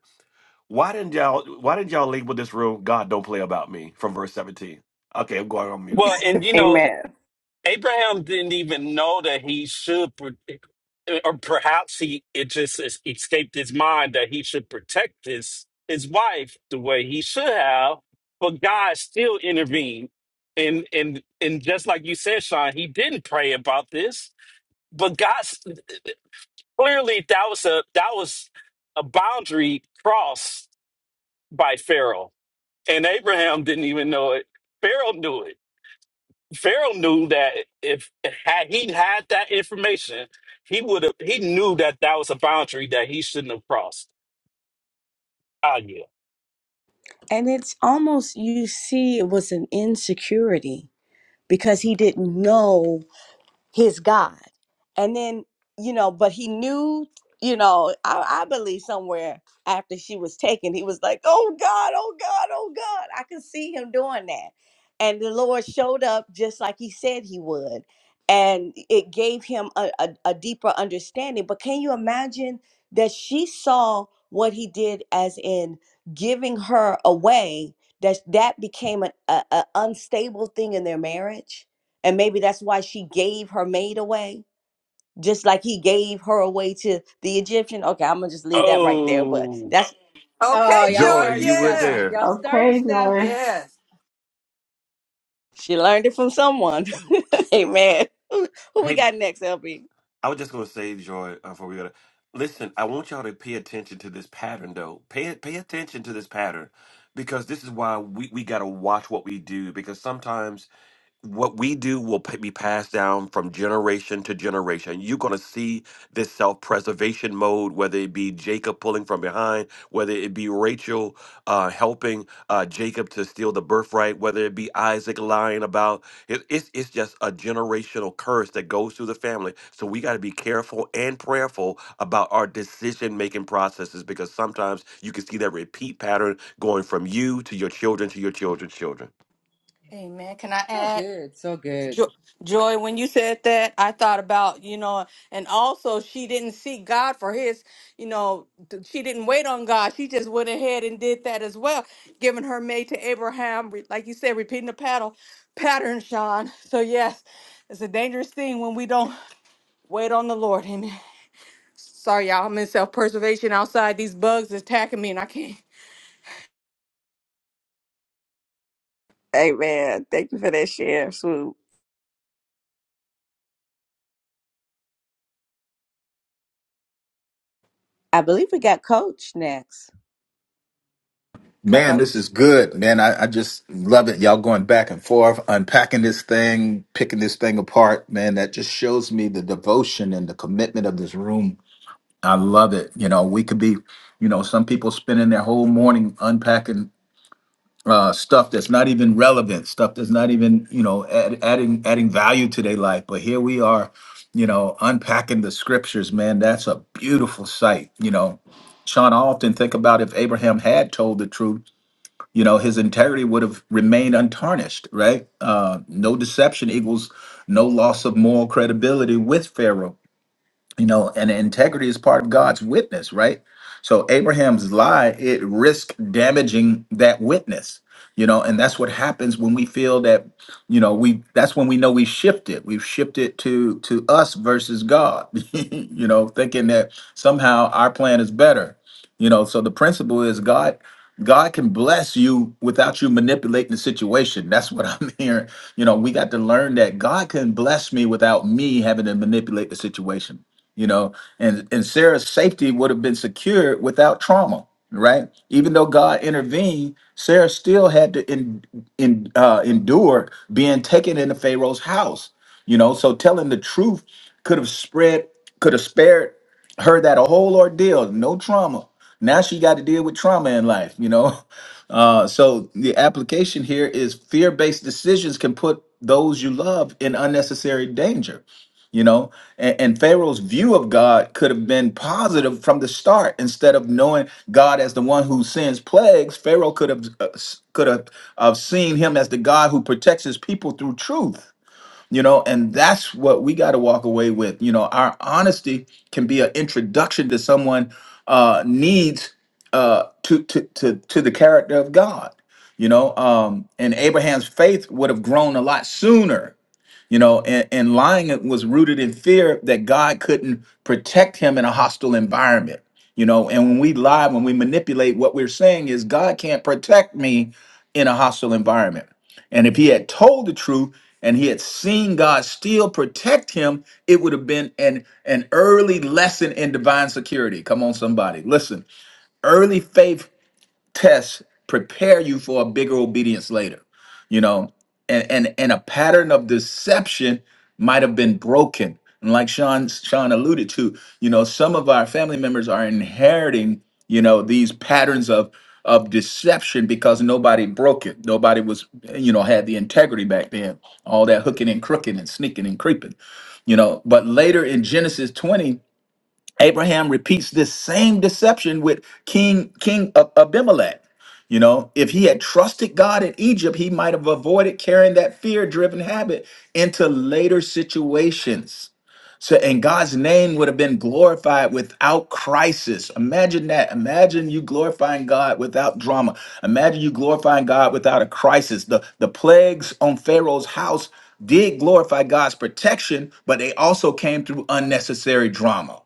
Speaker 3: Why didn't y'all why didn't y'all label this room God don't play about me from verse 17? Okay, I'm going on mute.
Speaker 6: Well, and you know,
Speaker 2: Amen.
Speaker 6: Abraham didn't even know that he should, pro- or perhaps he it just es- escaped his mind that he should protect his his wife the way he should have. But God still intervened, and and and just like you said, Sean, he didn't pray about this. But God s- clearly that was a that was a boundary crossed by Pharaoh, and Abraham didn't even know it. Pharaoh knew it Pharaoh knew that if had he had that information, he would have. He knew that that was a boundary that he shouldn't have crossed. Oh yeah.
Speaker 2: And it's almost, you see, it was an insecurity because he didn't know his God. and then you know but he knew you know I, I believe somewhere after she was taken he was like oh god oh god oh god i could see him doing that and the lord showed up just like he said he would and it gave him a, a, a deeper understanding but can you imagine that she saw what he did as in giving her away that that became an a, a unstable thing in their marriage and maybe that's why she gave her maid away just like he gave her away to the Egyptian. Okay, I'm gonna just leave that right there. But
Speaker 6: Oh,
Speaker 2: that's
Speaker 1: Oh,
Speaker 5: Okay,
Speaker 1: y'all
Speaker 5: Joy.
Speaker 3: Joy,
Speaker 1: starting
Speaker 3: you went
Speaker 1: stuff
Speaker 5: Yeah.
Speaker 1: and
Speaker 3: there.
Speaker 1: y'all starting
Speaker 8: Okay,
Speaker 1: stuff.
Speaker 8: Joy.
Speaker 5: Yes.
Speaker 2: she learned it from someone. Amen. Who, who we
Speaker 3: Hey.
Speaker 2: got next, LB?
Speaker 3: I was just gonna say, Joy, uh, before we go. to- Listen, I want y'all to pay attention to this pattern, though. Pay pay attention to this pattern, because this is why we we gotta watch what we do. Because sometimes what we do will pa- be passed down from generation to generation. You're going to see this self preservation mode, whether it be Jacob pulling from behind, whether it be Rachel uh, helping uh, Jacob to steal the birthright, whether it be Isaac lying about it. It's, it's just a generational curse that goes through the family. So we got to be careful and prayerful about our decision making processes because sometimes you can see that repeat pattern going from you to your children to your children's children.
Speaker 5: Amen. Can I
Speaker 1: So
Speaker 5: add?
Speaker 1: good, so good.
Speaker 5: Jo- Joy, when you said that, I thought about, you know, and also she didn't seek God for his, you know, th- she didn't wait on God. She just went ahead and did that as well, giving her maid to Abraham, re- like you said, repeating the paddle pattern, Sean. So, yes, it's a dangerous thing when we don't wait on the Lord. Amen. Sorry, y'all. I'm in self preservation outside. These bugs attacking me, and I can't.
Speaker 2: Amen. Thank you for that share, Swoop. I believe we got Coach next.
Speaker 9: Man, this
Speaker 2: Coach,
Speaker 9: is good, man. I, I just love it. Y'all going back and forth, unpacking this thing, picking this thing apart, man. That just shows me the devotion and the commitment of this room. I love it. You know, we could be, you know, some people spending their whole morning unpacking uh, stuff that's not even relevant, stuff that's not even, you know, add, adding adding value to their life. But here we are, you know, unpacking the scriptures, man. That's a beautiful sight. You know, Sean, I often think about if Abraham had told the truth you know his integrity would have remained untarnished right uh, no deception equals no loss of moral credibility with pharaoh you know and integrity is part of god's witness right so abraham's lie it risked damaging that witness you know and that's what happens when we feel that you know we that's when we know we shifted we've shifted to to us versus god you know thinking that somehow our plan is better you know so the principle is god god can bless you without you manipulating the situation that's what i'm hearing you know we got to learn that god can bless me without me having to manipulate the situation you know and and sarah's safety would have been secured without trauma right even though god intervened sarah still had to in, in, uh, endure being taken into pharaoh's house you know so telling the truth could have spread could have spared her that a whole ordeal no trauma now she got to deal with trauma in life you know Uh, so the application here is fear-based decisions can put those you love in unnecessary danger. You know, and, and Pharaoh's view of God could have been positive from the start. Instead of knowing God as the one who sends plagues, Pharaoh could have uh, s- could have, have seen him as the God who protects his people through truth you know and that's what we got to walk away with you know our honesty can be an introduction to someone uh needs uh to to to, to the character of god you know um and abraham's faith would have grown a lot sooner you know, and, and lying was rooted in fear that God couldn't protect him in a hostile environment. You know, and when we lie, when we manipulate, what we're saying is God can't protect me in a hostile environment. And if he had told the truth and he had seen God still protect him, it would have been an an early lesson in divine security. Come on, somebody. Listen, early faith tests prepare you for a bigger obedience later you know and and and a pattern of deception might have been broken and like sean sean alluded to you know some of our family members are inheriting you know these patterns of of deception because nobody broke it nobody was you know had the integrity back then all that hooking and crooking and sneaking and creeping you know but later in genesis 20 Abraham repeats this same deception with King King Ab- Abimelech. You know, if he had trusted God in Egypt, he might have avoided carrying that fear-driven habit into later situations. So, and God's name would have been glorified without crisis. Imagine that. Imagine you glorifying God without drama. Imagine you glorifying God without a crisis. The the plagues on Pharaoh's house did glorify God's protection, but they also came through unnecessary drama.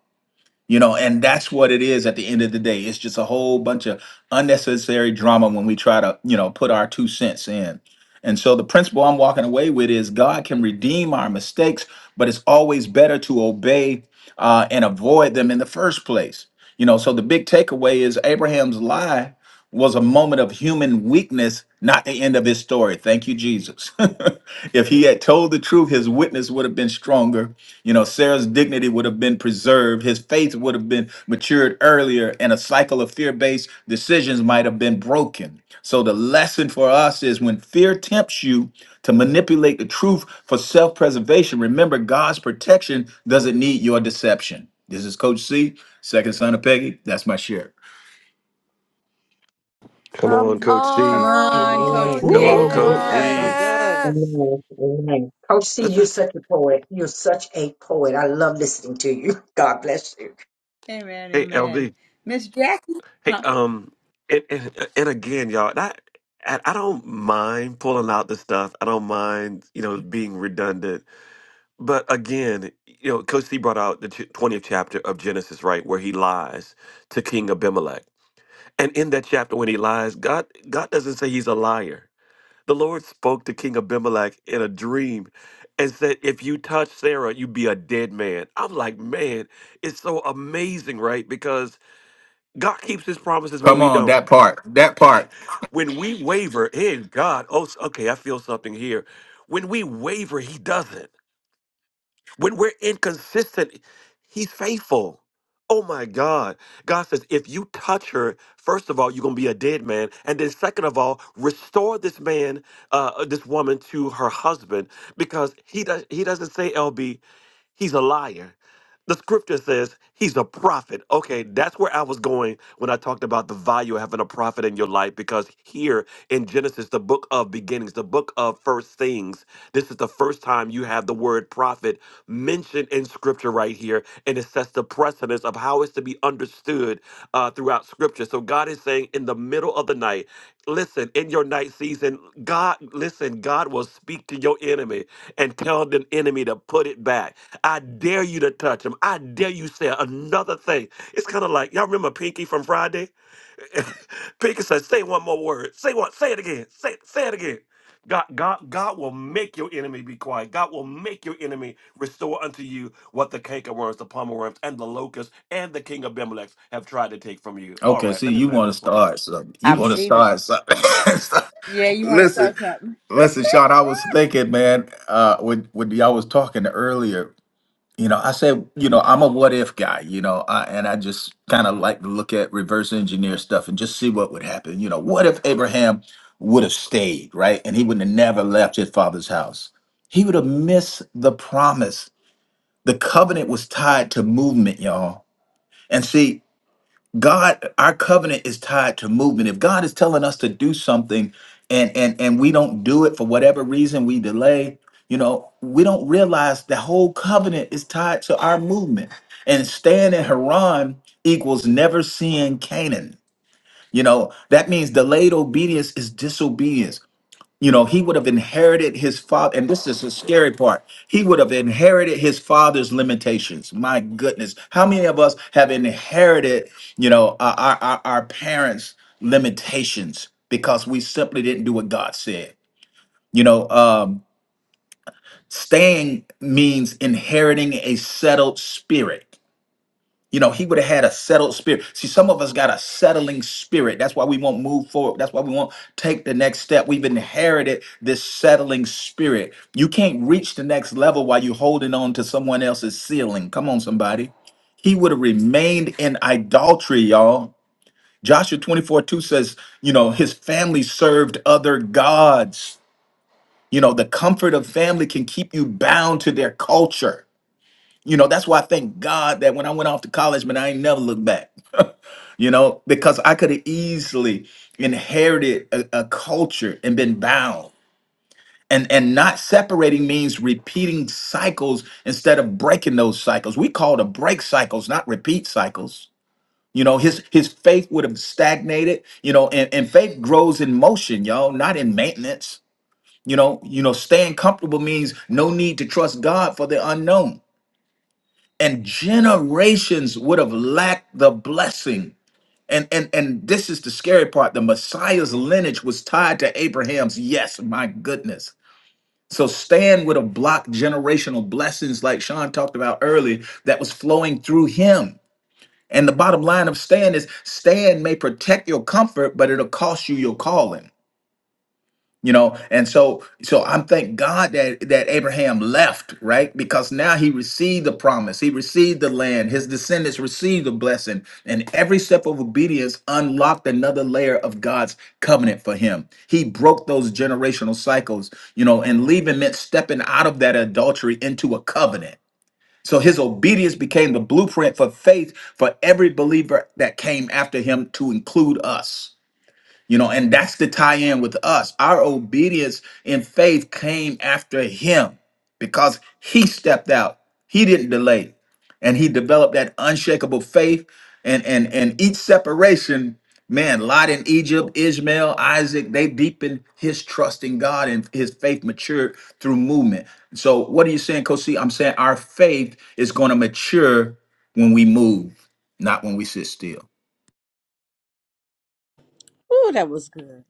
Speaker 9: You know, and that's what it is at the end of the day. It's just a whole bunch of unnecessary drama when we try to, you know, put our two cents in. And so the principle I'm walking away with is God can redeem our mistakes, but it's always better to obey uh, and avoid them in the first place. You know, so the big takeaway is Abraham's lie was a moment of human weakness, not the end of his story. Thank you, Jesus. if he had told the truth, his witness would have been stronger. You know, Sarah's dignity would have been preserved. His faith would have been matured earlier, and a cycle of fear based decisions might have been broken. So, the lesson for us is when fear tempts you to manipulate the truth for self preservation, remember God's protection doesn't need your deception. This is Coach C, second son of Peggy. That's my share.
Speaker 3: Come on,
Speaker 5: Um,
Speaker 3: Coach C.
Speaker 1: Come on, Coach
Speaker 7: Amen.
Speaker 5: oh
Speaker 2: Woo,
Speaker 3: Come
Speaker 1: C.
Speaker 3: on,
Speaker 2: woo,
Speaker 7: Amen.
Speaker 1: Come
Speaker 5: yes.
Speaker 3: Coach
Speaker 2: woo. That's so
Speaker 1: on.
Speaker 3: C.
Speaker 2: good.
Speaker 7: Amen. Amen. Coach C,
Speaker 3: Let's
Speaker 7: you're
Speaker 3: just-
Speaker 7: such a poet. You're such a poet. I love listening to you. God bless you.
Speaker 1: Amen,
Speaker 3: hey,
Speaker 1: amen.
Speaker 3: LB.
Speaker 1: Miss Jackie.
Speaker 3: Hey,
Speaker 1: Huh?
Speaker 3: um, and, and and again, y'all. That I, I don't mind pulling out the stuff. I don't mind, you know, being redundant. But again, you know, Coach C brought out the ch- twentieth chapter of Genesis, right, where he lies to King Abimelech, and in that chapter, when he lies, God, God doesn't say he's a liar. The Lord spoke to King Abimelech in a dream and said, If you touch Sarah, you be a dead man. I'm like, man, it's so amazing, right? Because God keeps his promises when
Speaker 9: Come
Speaker 3: we
Speaker 9: on,
Speaker 3: don't.
Speaker 9: that part. That part.
Speaker 3: When we waver, in God, oh, okay, I feel something here. When we waver, he doesn't. When we're inconsistent, he's faithful. Oh my God. God says, if you touch her, first of all, you're going to be a dead man. And then, second of all, restore this man, uh, uh, this woman to her husband because he, does, he doesn't say, LB. He's a liar. The scripture says he's a prophet. Okay, that's where I was going when I talked about the value of having a prophet in your life because here in Genesis, the book of beginnings, the book of first things, this is the first time you have the word prophet mentioned in scripture right here. And it sets the precedence of how it's to be understood uh, throughout Scripture. So God is saying, in the middle of the night, listen, in your night season, God, listen, God will speak to your enemy and tell the enemy to put it back. I dare you to touch him. I dare you say another thing. It's kind of like, y'all remember Pinky from Friday? Pinky said, "Say one more word. Say one. Say it again. Say say it again." God, God, God will make your enemy be quiet. God will make your enemy restore unto you what the cankerworms, the pomeworms, and the locusts, and the king of Abimelech have tried to take from you. All
Speaker 9: Okay,
Speaker 3: right,
Speaker 9: see,
Speaker 3: let me
Speaker 9: you
Speaker 3: land
Speaker 9: want
Speaker 3: this
Speaker 9: to
Speaker 3: plane.
Speaker 9: start something.
Speaker 2: I
Speaker 9: You want to
Speaker 2: receive it.
Speaker 9: start something.
Speaker 1: Yeah, you want to
Speaker 9: listen,
Speaker 1: start something?
Speaker 9: listen, Sean, I was thinking, man, uh, when, when y'all was talking earlier, you know, I said, you know, I'm a what if guy, you know, I, and I just kind of like to look at reverse engineer stuff and just see what would happen. You know, what if Abraham would have stayed, right? And he would have never left his father's house. He would have missed the promise. The covenant was tied to movement, y'all. And see, God, our covenant is tied to movement. If God is telling us to do something and and and we don't do it for whatever reason, we delay, you know, we don't realize the whole covenant is tied to our movement. And staying in Haran equals never seeing Canaan. You know, that means delayed obedience is disobedience. You know, he would have inherited his father, and this is the scary part. He would have inherited his father's limitations. My goodness, how many of us have inherited, you know, our our, our our parents' limitations because we simply didn't do what God said. You know, um, staying means inheriting a settled spirit. You know, he would have had a settled spirit. See, some of us got a settling spirit. That's why we won't move forward. That's why we won't take the next step. We've inherited this settling spirit. You can't reach the next level while you're holding on to someone else's ceiling. Come on, somebody. He would have remained in idolatry, y'all. Joshua 24 2 says, you know, his family served other gods. You know, the comfort of family can keep you bound to their culture you know, that's why I thank God that when I went off to college, man, I ain't never looked back. you know, because I could have easily inherited a, a culture and been bound. And and not separating means repeating cycles instead of breaking those cycles. We call to break cycles, not repeat cycles. You know, his his faith would have stagnated, you know, and, and faith grows in motion, y'all, not in maintenance. You know, you know, staying comfortable means no need to trust God for the unknown and generations would have lacked the blessing and and and this is the scary part the messiah's lineage was tied to abraham's yes my goodness so stan would have blocked generational blessings like sean talked about earlier that was flowing through him and the bottom line of stan is stan may protect your comfort but it'll cost you your calling you know and so so i'm thank god that that abraham left right because now he received the promise he received the land his descendants received the blessing and every step of obedience unlocked another layer of god's covenant for him he broke those generational cycles you know and leaving meant stepping out of that adultery into a covenant so his obedience became the blueprint for faith for every believer that came after him to include us you know, and that's the tie in with us. Our obedience in faith came after him because he stepped out. He didn't delay. And he developed that unshakable faith. And and and each separation, man, Lot in Egypt, Ishmael, Isaac, they deepened his trust in God and his faith matured through movement. So what are you saying, Coach C? I'm saying our faith is going to mature when we move, not when we sit still.
Speaker 2: Ooh, that was good.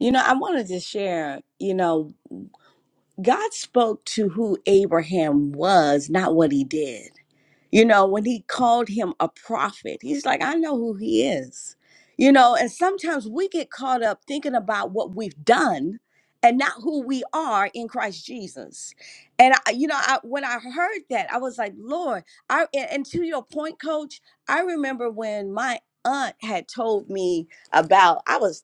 Speaker 2: You know, I wanted to share. You know, God spoke to who Abraham was, not what he did. You know, when he called him a prophet, he's like, I know who he is. You know, and sometimes we get caught up thinking about what we've done and not who we are in Christ Jesus. And I, you know, I, when I heard that, I was like, Lord, I and, and to your point, coach, I remember when my aunt had told me about I was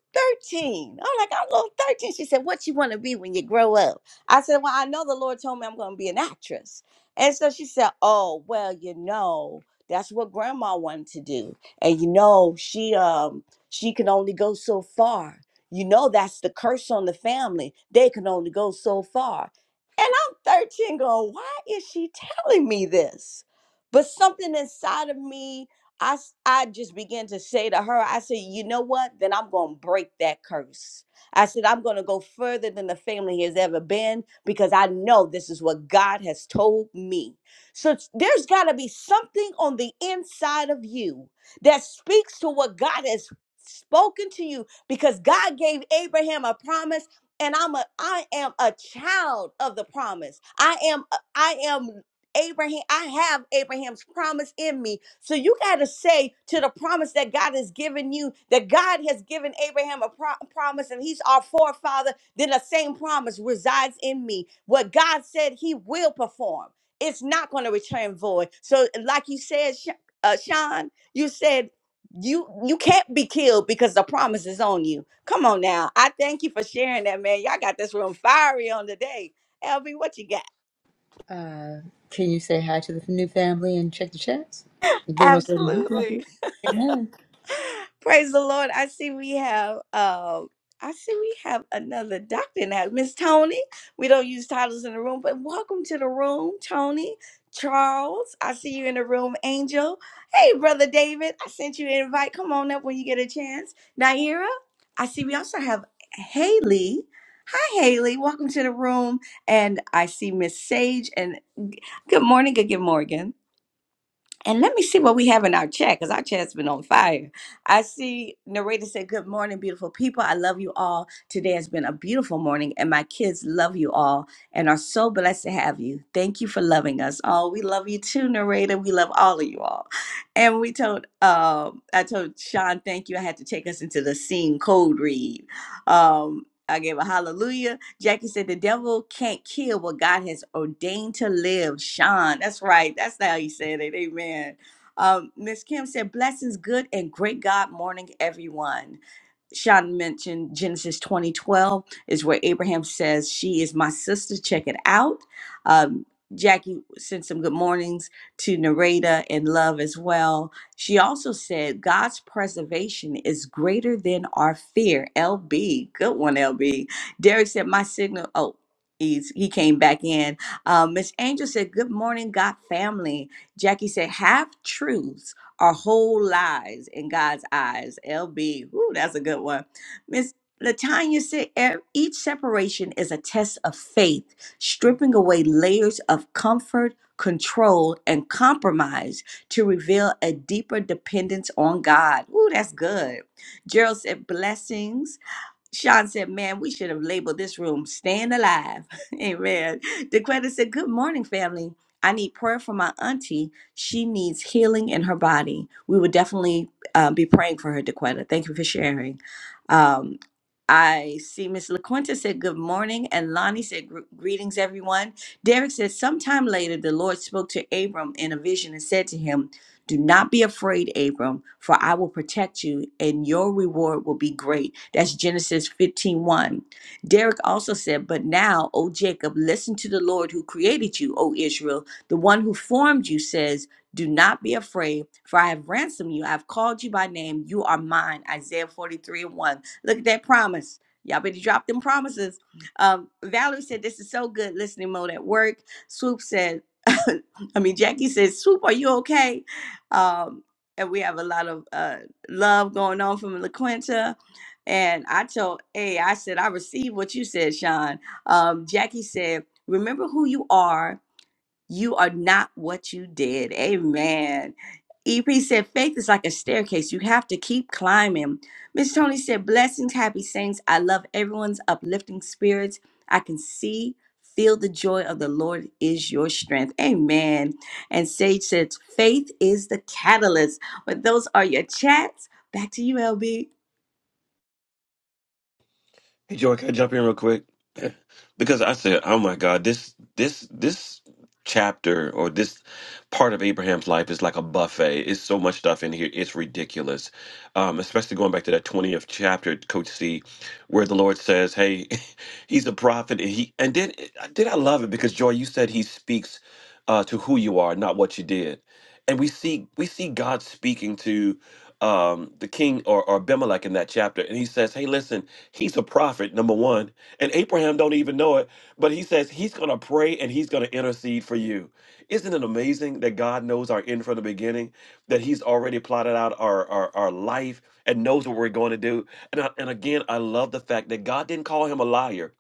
Speaker 2: 13. I'm like, I'm little 13. She said, What you want to be when you grow up? I said, Well, I know the Lord told me I'm gonna be an actress. And so she said, Oh, well, you know, that's what grandma wanted to do. And you know, she um she can only go so far. You know, that's the curse on the family. They can only go so far. And I'm 13 going, why is she telling me this? But something inside of me, I s- I just began to say to her, I said, you know what? Then I'm gonna break that curse. I said, I'm going to go further than the family has ever been because I know this is what God has told me. So it's- there's got to be something on the inside of you that speaks to what God has spoken to you because God gave Abraham a promise and I'm a I am a child of the promise. I am I am Abraham, I have Abraham's promise in me. So you got to say to the promise that God has given you, that God has given Abraham a pro- promise and he's our forefather, then the same promise resides in me. What God said he will perform, it's not going to return void. So, like you said, Sh- uh, Sean, you said, you you can't be killed because the promise is on you. Come on now. I thank you for sharing that, man. Y'all got this room fiery on today. LB, what you got?
Speaker 1: Uh, can you say hi to the new family and check the chats? And Then we'll go to you,
Speaker 2: Absolutely.
Speaker 1: Jackie. Amen.
Speaker 2: Praise the Lord. I see we have um I see we have another doctor now. Miss Tony. We don't use titles in the room, but welcome to the room, Tony. Charles, I see you in the room, Angel. Hey, brother David, I sent you an invite. Come on up when you get a chance. Naira, I see we also have Haley. Hi, Haley. Welcome to the room. And I see Miss Sage and good morning, good, good morning. And let me see what we have in our chat because our chat's been on fire. I see narrator said, Good morning, beautiful people. I love you all. Today has been a beautiful morning, and my kids love you all and are so blessed to have you. Thank you for loving us. Oh, we love you too, narrator. We love all of you all. And we told um I told Sean, thank you. I had to take us into the scene code read. Um I gave a hallelujah Jackie said, The devil can't kill what God has ordained to live. Sean, that's right. That's how he said it. Amen. Um, Miss Kim said, Blessings, good and great God morning, everyone. Sean mentioned Genesis 2012 is where Abraham says, She is my sister. Check it out. Um, Jackie sent some good mornings to Nareda and Love as well. She also said, God's preservation is greater than our fear. LB. Good one, LB. Derek said, My signal. Oh, he's, he came back in. Um, Miss Angel said, Good morning, God family. Jackie said, half truths." our whole lives in God's eyes. LB, ooh, that's a good one. Miss Latanya said "E- each separation is a test of faith, stripping away layers of comfort, control, and compromise to reveal a deeper dependence on God. Ooh, that's good. Gerald said blessings Sean said, Man, we should have labeled this room Staying Alive. Amen. DeQuetta said, Good morning, family. I need prayer for my auntie. She needs healing in her body. We would definitely uh, be praying for her, DeQuetta. Thank you for sharing. Um, I see Miss LaQuinta said good morning, and Lonnie said "Gr- greetings, everyone. Derek said sometime later the Lord spoke to Abram in a vision and said to him, Do not be afraid, Abram, for I will protect you, and your reward will be great. That's Genesis fifteen one. Derek also said, But now, O Jacob, listen to the Lord who created you, O Israel. The one who formed you Says, 'Do not be afraid, for I have ransomed you. I have called you by name. You are mine. Isaiah 43 and 1. Look at that promise. Y'all better drop them promises. Um, Valerie said, This is so good listening mode at work. Swoop said, I mean, Jackie says, Swoop, are you okay? Um, and we have a lot of uh, love going on from LaQuinta. And I told, hey, I said, I received what you said, Sean. Um, Jackie said, remember who you are you are not what you did. Amen. EP said, faith is like a staircase. You have to keep climbing. Miss Tony said, blessings, happy saints. I love everyone's uplifting spirits. I can see, feel the joy of the Lord is your strength. Amen. And Sage says, faith is the catalyst. But those are your chats. Back to you, LB.
Speaker 3: Hey, Joy, can I jump in real quick? Because I said, oh my God, this this this chapter or this part of Abraham's life is like a buffet. It's so much stuff in here. It's ridiculous. Um, especially going back to that 20th chapter, Coach C, where the Lord says, Hey, he's a prophet. And he and then did I love it because Joy, you said he speaks uh, to who you are, not what you did and we see we see God speaking to um, the king or, or Abimelech in that chapter, and he says, "Hey, listen, he's a prophet, number one, and Abraham don't even know it, but he says he's going to pray and he's going to intercede for you." Isn't it amazing that God knows our end from the beginning, that He's already plotted out our our, our life and knows what we're going to do? And I, and again, I love the fact that God didn't call him a liar.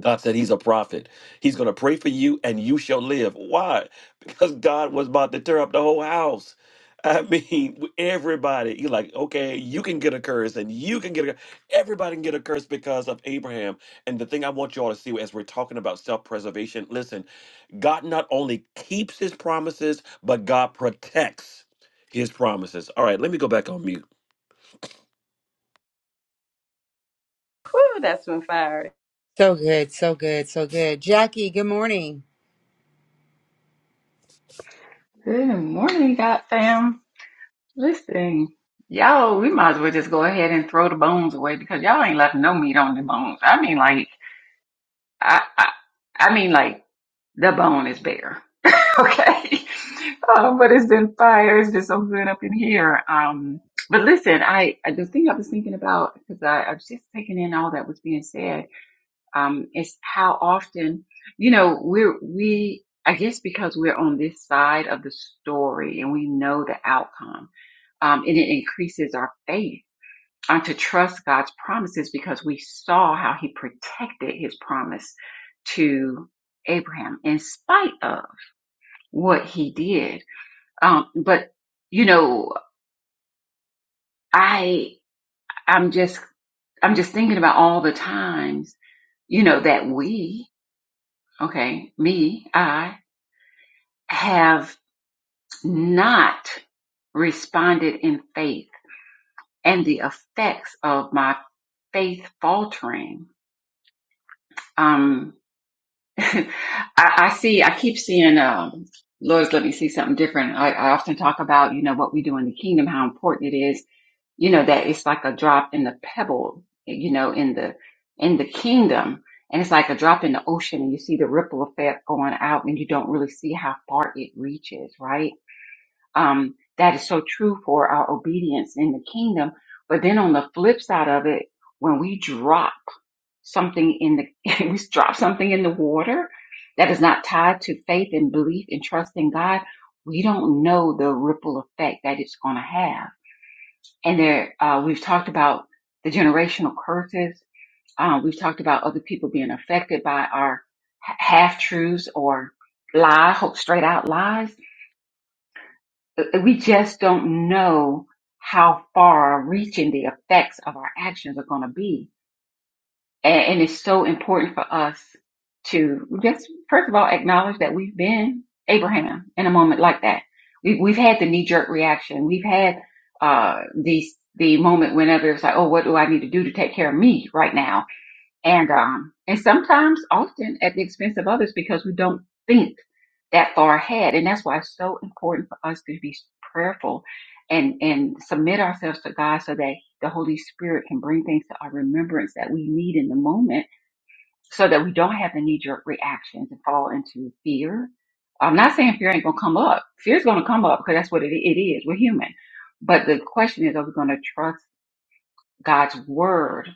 Speaker 3: God said he's a prophet. He's going to pray for you and you shall live. Why? Because God was about to tear up the whole house. I mean, everybody. You're like, okay, you can get a curse and you can get a Everybody can get a curse because of Abraham. And the thing I want you all to see as we're talking about self preservation listen, God not only keeps his promises, but God protects his promises. All right, let me go back on mute.
Speaker 2: Ooh, that's been fire.
Speaker 1: So good, so good, so good. Jackie, good morning.
Speaker 8: Good morning, God fam. Listen, y'all, we might as well just go ahead and throw the bones away because y'all ain't left no meat on the bones. I mean, like, I, I, I mean, like, the bone is bare. Okay. Um, but it's been fire. It's been so good up in here. Um, but listen, I, I the thing I was thinking about because I, I was just taking in all that was being said um, is how often, you know, we're, we, I guess because we're on this side of the story and we know the outcome, um, and it increases our faith and to trust God's promises because we saw how he protected his promise to Abraham in spite of what he did. Um, but you know, I, I'm just, I'm just thinking about all the times, you know, that we, okay, me, I, have not responded in faith and the effects of my faith faltering. Um, I, I see, I keep seeing, um, Lord, let me see something different. I, I often talk about, you know, what we do in the kingdom, how important it is, you know, that it's like a drop in the pebble, you know, in the, in the kingdom. And it's like a drop in the ocean and you see the ripple effect going out and you don't really see how far it reaches, right? um, that is so true for our obedience in the kingdom. But then on the flip side of it, when we drop something in the, we drop something in the water that is not tied to faith and belief and trust in God, we don't know the ripple effect that it's going to have. And there, uh, we've talked about the generational curses. Uh, we've talked about other people being affected by our half truths or lie, hope straight out lies uh, we just don't know how far reaching the effects of our actions are going to be. And, and it's so important for us to just, first of all, acknowledge that we've been Abraham in a moment like that. We, we've had the knee jerk reaction. We've had, uh, the, the moment whenever it's like, oh, what do I need to do to take care of me right now? and um and sometimes often at the expense of others because we don't think that far ahead and that's why it's so important for us to be prayerful and and submit ourselves to god so that the holy spirit can bring things to our remembrance that we need in the moment so that we don't have the knee-jerk reactions and fall into fear i'm not saying fear ain't gonna come up fear's gonna come up because that's what it, it is we're human but the question is are we gonna trust god's word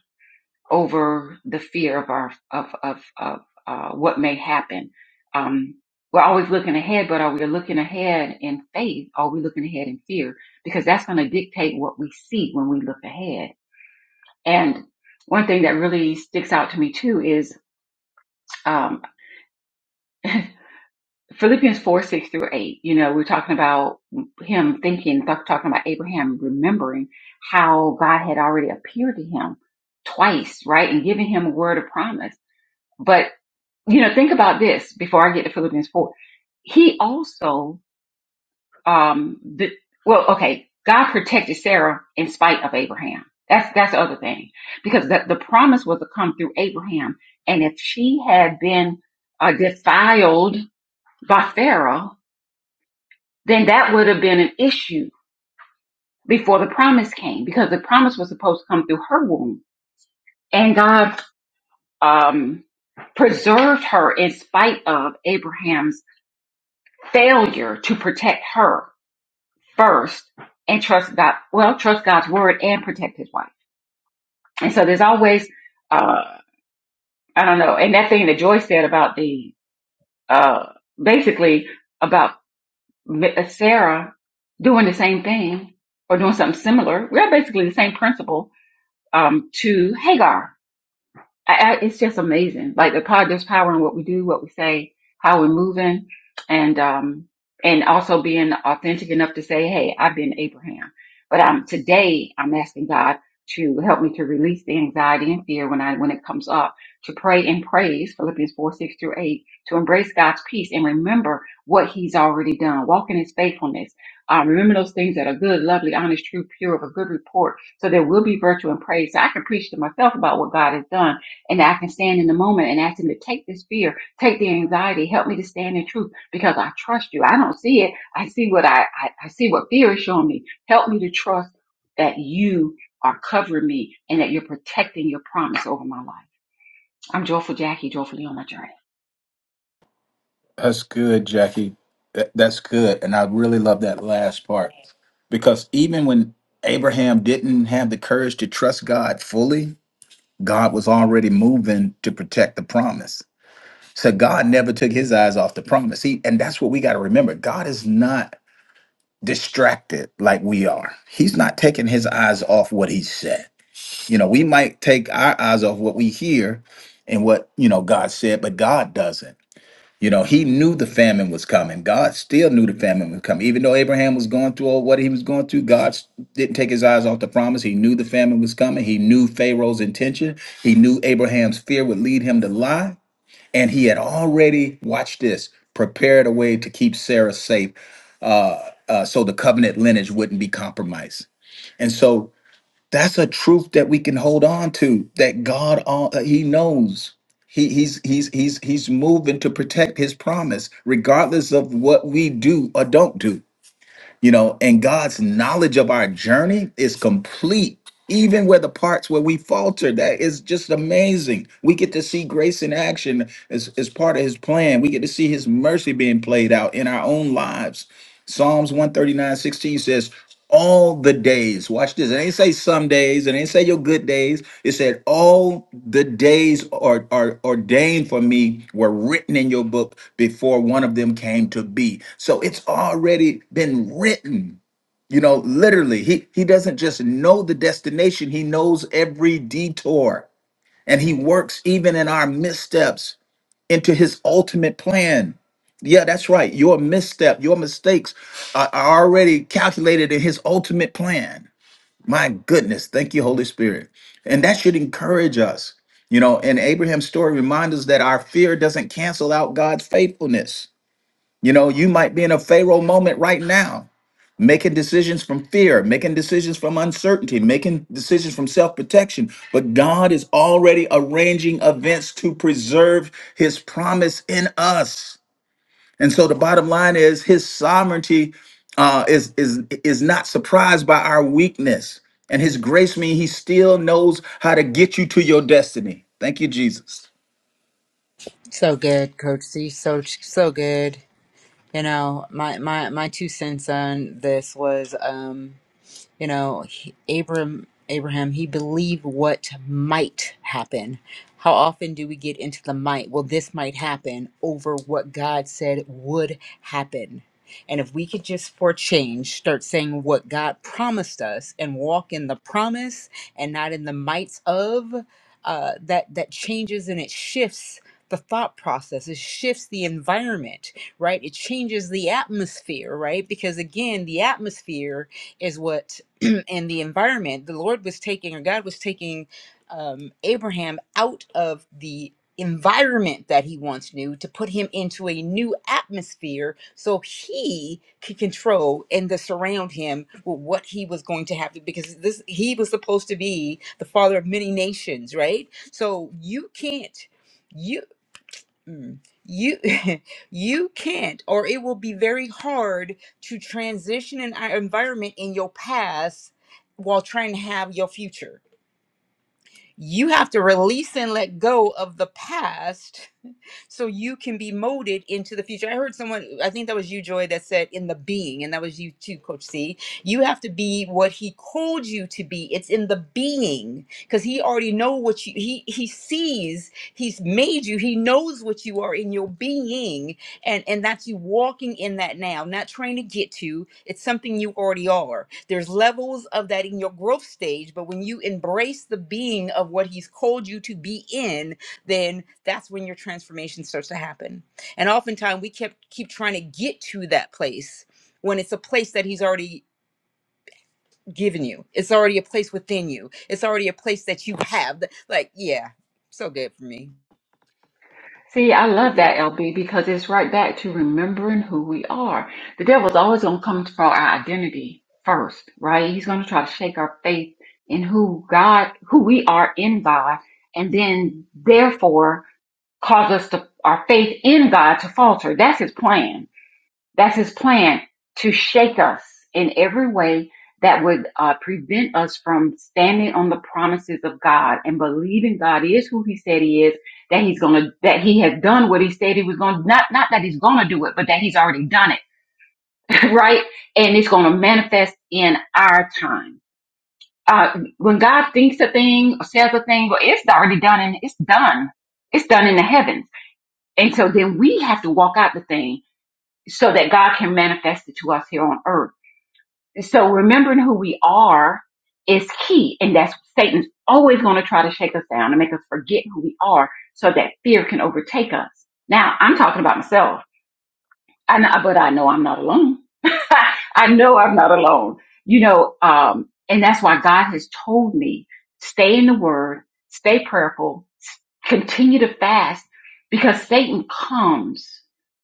Speaker 8: over the fear of our of of of uh, what may happen. Um, we're always looking ahead, but are we looking ahead in faith? Or are we looking ahead in fear? Because that's going to dictate what we see when we look ahead. And one thing that really sticks out to me too is um, Philippians four six through eight. You know, we're talking about him thinking, talk- talking about Abraham remembering how God had already appeared to him twice, right, and giving him a word of promise. but. you know, think about this before I get to Philippians 4. He also, um, the, well, okay, God protected Sarah in spite of Abraham. That's, that's the other thing because the, the promise was to come through Abraham. And if she had been uh, defiled by Pharaoh, then that would have been an issue before the promise came because the promise was supposed to come through her womb and God, um, preserved her in spite of Abraham's failure to protect her first and trust God. Well, trust God's word and protect His wife. And so there's always, uh, I don't know. And that thing that Joyce said about the, uh, basically about uh, Sarah doing the same thing or doing something similar. We're basically the same principle, um, to Hagar I, I, it's just amazing. Like the power, there's power in what we do, what we say, how we're moving, and um, and also being authentic enough to say, "Hey, I've been Abraham," but um, today I'm asking God to help me to release the anxiety and fear when I when it comes up. To pray and praise Philippians four six through eight. To embrace God's peace and remember what He's already done. Walk in His faithfulness. Um, remember those things that are good, lovely, honest, true, pure, of a good report. So there will be virtue and praise. So I can preach to myself about what God has done and I can stand in the moment and ask him to take this fear, take the anxiety, help me to stand in truth because I trust you. I don't see it. I see what I, I, I see what fear is showing me. Help me to trust that you are covering me and that you're protecting your promise over my life. I'm joyful Jackie, joyfully on my journey.
Speaker 9: That's good, Jackie. That, that's good. And I really love that last part because even when Abraham didn't have the courage to trust God fully, God was already moving to protect the promise. So God never took his eyes off the promise. He, and that's what we got to remember. God is not distracted like we are. He's not taking his eyes off what he said. You know, we might take our eyes off what we hear and what, you know, God said, but God doesn't. You know, he knew the famine was coming. God still knew the famine was coming. Even though Abraham was going through all what he was going through, God s- didn't take his eyes off the promise. He knew the famine was coming. He knew Pharaoh's intention. He knew Abraham's fear would lead him to lie. And he had already, watch this, prepared a way to keep Sarah safe uh, uh, so the covenant lineage wouldn't be compromised. And so that's a truth that we can hold on to. That God, all uh, He knows. He, he's he's he's he's moving to protect His promise, regardless of what we do or don't do. You know, and God's knowledge of our journey is complete, even where the parts where we falter. That is just amazing. We get to see grace in action as as part of His plan. We get to see His mercy being played out in our own lives Psalms one thirty nine sixteen says, all the days. Watch this. It ain't say some days. It ain't say your good days. It said all the days are, are ordained for me were written in your book before one of them came to be. So it's already been written. You know, literally, he he doesn't just know the destination. He knows every detour, and he works even in our missteps into his ultimate plan. Yeah, that's right. Your misstep, your mistakes are are already calculated in his ultimate plan. My goodness. Thank you, Holy Spirit. And that should encourage us. You know, and Abraham's story reminds us that our fear doesn't cancel out God's faithfulness. You know, you might be in a Pharaoh moment right now making decisions from fear, making decisions from uncertainty, making decisions from self protection. But God is already arranging events to preserve his promise in us. And so the bottom line is his sovereignty uh, is, is, is not surprised by our weakness. And his grace means he still knows how to get you to your destiny. Thank you, Jesus.
Speaker 1: So good, Coach C. So so good. You know, my my my two cents on this was. um you know he- abram abraham he believed what might happen how often do we get into the might well this might happen over what god said would happen and if we could just for change start saying what god promised us and walk in the promise and not in the mights of uh, that that changes and it shifts the thought process it shifts the environment right it changes the atmosphere right because again the atmosphere is what and the environment, the Lord was taking, or God was taking um, Abraham out of the environment that he once knew to put him into a new atmosphere so he could control and to surround him with what he was going to have to because this he was supposed to be the father of many nations right so you can't you Mm. You you can't, or it will be very hard to transition an i- environment in your past while trying to have your future. You have to release and let go of the past so you can be molded into the future. I heard someone, I think that was you, Joy, that said in the being, and that was you too, Coach C. You have to be what he called you to be. It's in the being because he already know what you he he sees. He's made you. He knows what you are in your being, and and that's you walking in that now, not trying to get to. It's something you already are. There's levels of that in your growth stage, but when you embrace the being of what he's called you to be in, then that's when your transformation starts to happen. And oftentimes we kept keep trying to get to that place when it's a place that he's already given you. It's already a place within you. It's already a place that you have. that- Like, yeah, so good for me.
Speaker 8: See, I love that, LB, because it's right back to remembering who we are. The devil's always going to come for our identity first, right? He's going to try to shake our faith in who God, who we are in God, and then therefore cause us to, our faith in God to falter. That's his plan that's his plan to shake us in every way that would uh, prevent us from standing on the promises of God and believing God is who he said he is, that he's going to, that he has done what he said he was going to, not, not that he's going to do it, but that he's already done it, right? And it's going to manifest in our time. Uh, when God thinks a thing or says a thing, well, it's already done and it's done. It's done in the heavens. And so then we have to walk out the thing so that God can manifest it to us here on earth so remembering who we are is key. And that's Satan's always going to try to shake us down and make us forget who we are so that fear can overtake us. Now I'm talking about myself. I know, but I know I'm not alone. I know I'm not alone. You know, um, and that's why God has told me stay in the Word, stay prayerful, s- continue to fast, because Satan comes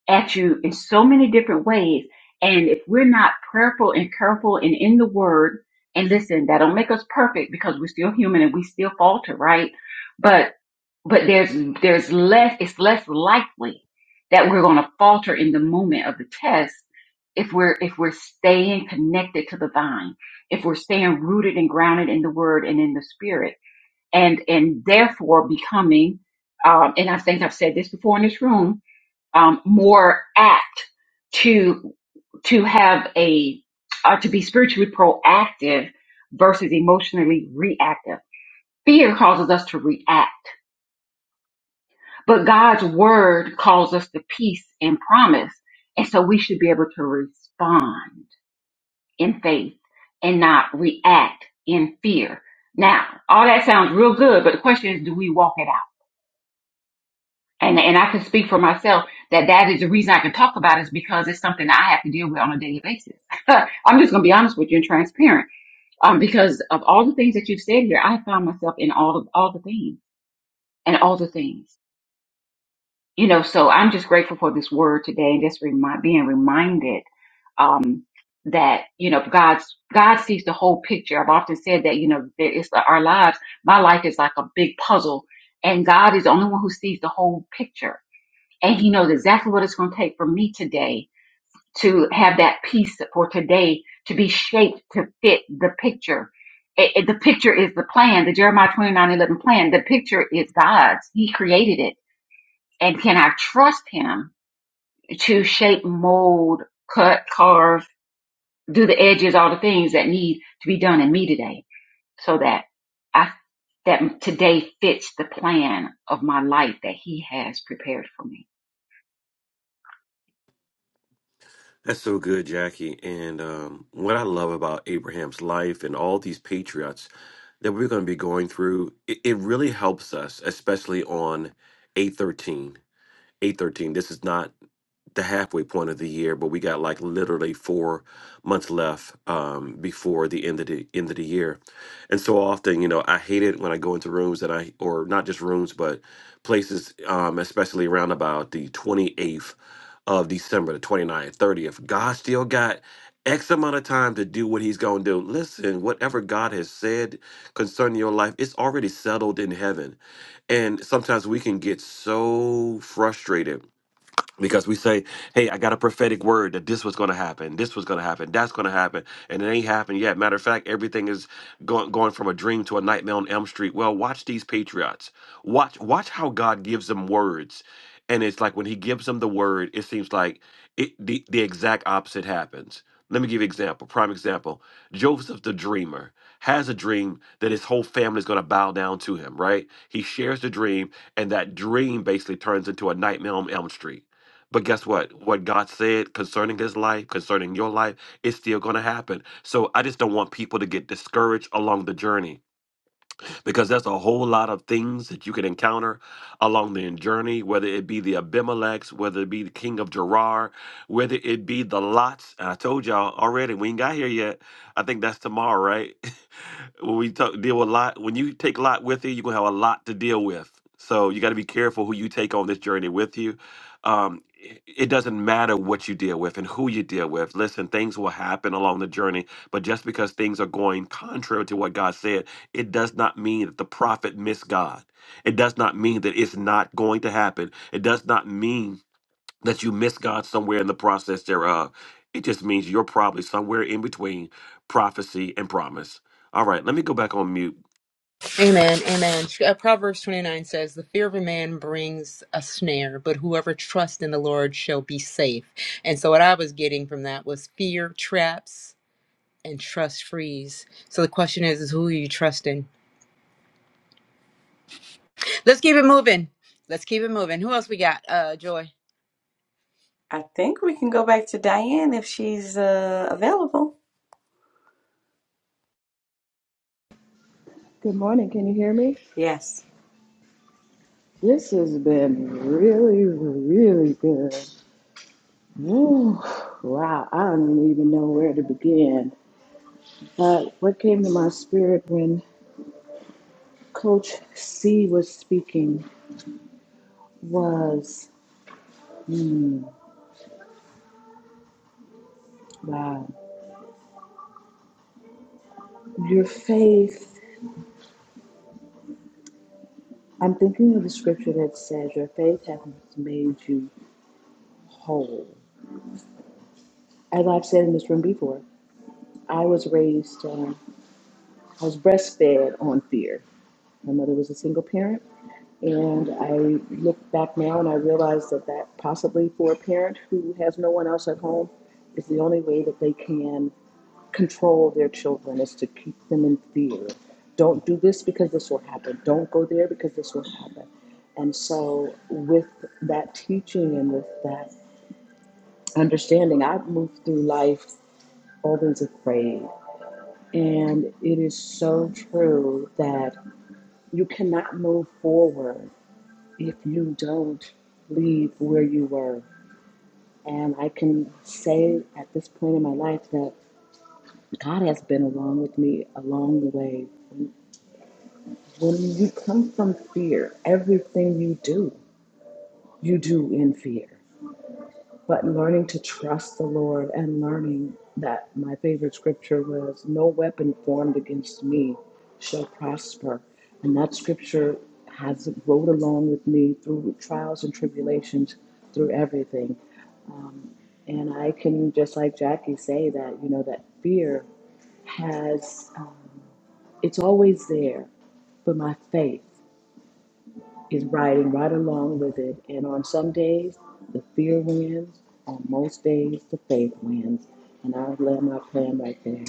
Speaker 8: at you in so many different ways. And if we're not prayerful and careful and in the Word, and listen, that don't make us perfect because we're still human and we still falter, right? But but there's there's less it's less likely that we're going to falter in the moment of the test if we're if we're staying connected to the vine if we're staying rooted and grounded in the word and in the spirit and and therefore becoming um and i think i've said this before in this room um more apt to to have a uh, to be spiritually proactive versus emotionally reactive fear causes us to react but God's word calls us to peace and promise. And so we should be able to respond in faith and not react in fear. Now, all that sounds real good, but the question is, do we walk it out? And, and I can speak for myself that that is the reason I can talk about it is because it's something that I have to deal with on a daily basis. I'm just going to be honest with you and transparent. Um, because of all the things that you've said here, I found myself in all of all the things and all the things. you know so i'm just grateful for this word today and just remind, being reminded um that you know god's god sees the whole picture i've often said that you know there is our lives my life is like a big puzzle and god is the only one who sees the whole picture and he knows exactly what it's going to take for me today to have that piece for today to be shaped to fit the picture it, it- the picture is the plan the jeremiah 29:11 plan the picture is god's he created it and can i trust him to shape, mold, cut, carve, do the edges, all the things that need to be done in me today so that I, that today fits the plan of my life that he has prepared for me.
Speaker 3: That's so good, Jackie. And um, what I love about Abraham's life and all these patriots that we're going to be going through it, it really helps us especially on 813 813 this is not the halfway point of the year, but we got like literally four months left um, before the end of the end of the year. And so often, you know, I hate it when I go into rooms that I or not just rooms, but places, um, especially around about the 28th of December, the 29th, 30th. God still got X amount of time to do what he's going to do. Listen, whatever God has said concerning your life, it's already settled in heaven. And sometimes we can get so frustrated because we say, "Hey, I got a prophetic word that this was going to happen, this was going to happen, that's going to happen," and it ain't happened yet. Matter of fact, everything is going going from a dream to a nightmare on Elm Street. Well, watch these patriots. Watch watch how God gives them words, and it's like when He gives them the word, it seems like it the, the exact opposite happens. Let me give you an example. Prime example: Joseph the dreamer has a dream that his whole family is going to bow down to him. Right? He shares the dream, and that dream basically turns into a nightmare on Elm Street but guess what? What God said concerning his life, concerning your life, it's still going to happen. So I just don't want people to get discouraged along the journey because there's a whole lot of things that you can encounter along the journey, whether it be the Abimelechs, whether it be the king of Gerar, whether it be the Lots. And I told y'all already, we ain't got here yet. I think that's tomorrow, right? when we talk, deal with lot, when you take lot with you, you're gonna have a lot to deal with. So you got to be careful who you take on this journey with you. Um, it it doesn't matter what you deal with and who you deal with. Listen, things will happen along the journey, but just because things are going contrary to what God said, it does not mean that the prophet missed God. It does not mean that it's not going to happen. It does not mean that you miss God somewhere in the process thereof. It just means you're probably somewhere in between prophecy and promise. All right, let me go back on mute.
Speaker 1: Amen. Amen. Uh, Proverbs 29 says, The fear of a man brings a snare, but whoever trusts in the Lord shall be safe. And so, what I was getting from that was fear traps and trust frees. So, the question is, is who are you trusting? Let's keep it moving. Let's keep it moving. Who else we got? Uh, Joy.
Speaker 2: I think we can go back to Diane if she's uh, available.
Speaker 4: Good morning. Can you hear me?
Speaker 2: Yes.
Speaker 4: This has been really, really good. Ooh, wow, I don't even know where to begin. But what came to my spirit when Coach C was speaking was, hmm, wow, your faith. I'm thinking of the scripture that says, Your faith has made you whole. As I've said in this room before, I was raised, um, I was breastfed on fear. My mother was a single parent, and I look back now and I realize that that possibly for a parent who has no one else at home is the only way that they can control their children, is to keep them in fear. Don't do this because this will happen. Don't go there because this will happen. And so, with that teaching and with that understanding, I've moved through life always afraid. And it is so true that you cannot move forward if you don't leave where you were. And I can say at this point in my life that God has been along with me along the way When you come from fear, everything you do, you do in fear. But learning to trust the Lord and learning that my favorite scripture was, No weapon formed against me shall prosper. And that scripture has rode along with me through trials and tribulations, through everything. Um, and I can, just like Jackie, say that, you know, that fear has, um, it's always there, but my faith is riding right along with it. And on some days, the fear wins. On most days, the faith wins. And I'll land my plan right there.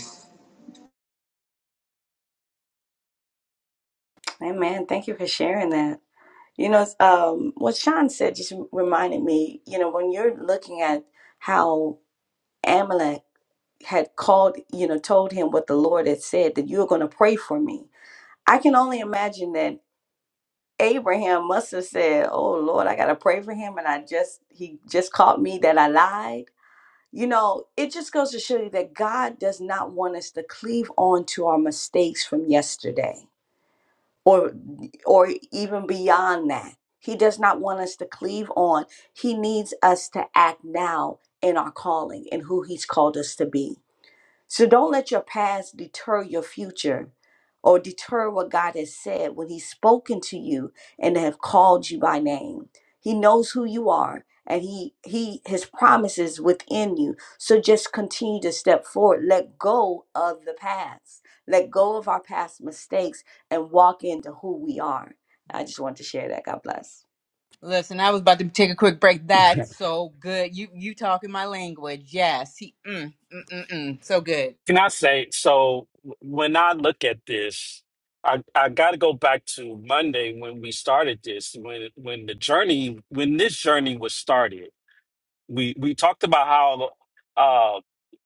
Speaker 2: Amen. Thank you for sharing that. You know, um, what Sean said just reminded me, you know, when you're looking at how Amalek had called, you know, told him what the Lord had said that you're going to pray for me. I can only imagine that Abraham must have said, "Oh Lord, I got to pray for him and I just he just caught me that I lied." You know, it just goes to show you that God does not want us to cleave on to our mistakes from yesterday or or even beyond that. He does not want us to cleave on. He needs us to act now in our calling and who he's called us to be. So don't let your past deter your future or deter what God has said when He's spoken to you and have called you by name. He knows who you are and he he his promises within you so just continue to step forward let go of the past let go of our past mistakes and walk into who we are i just want to share that god bless
Speaker 1: Listen, I was about to take a quick break. That's
Speaker 6: can
Speaker 1: so good. You you talking my language? Yes. He, mm, mm, mm, mm. So good.
Speaker 6: I say so? When I look at this, I I got to go back to Monday when we started this. When when the journey when this journey was started. we we talked about how uh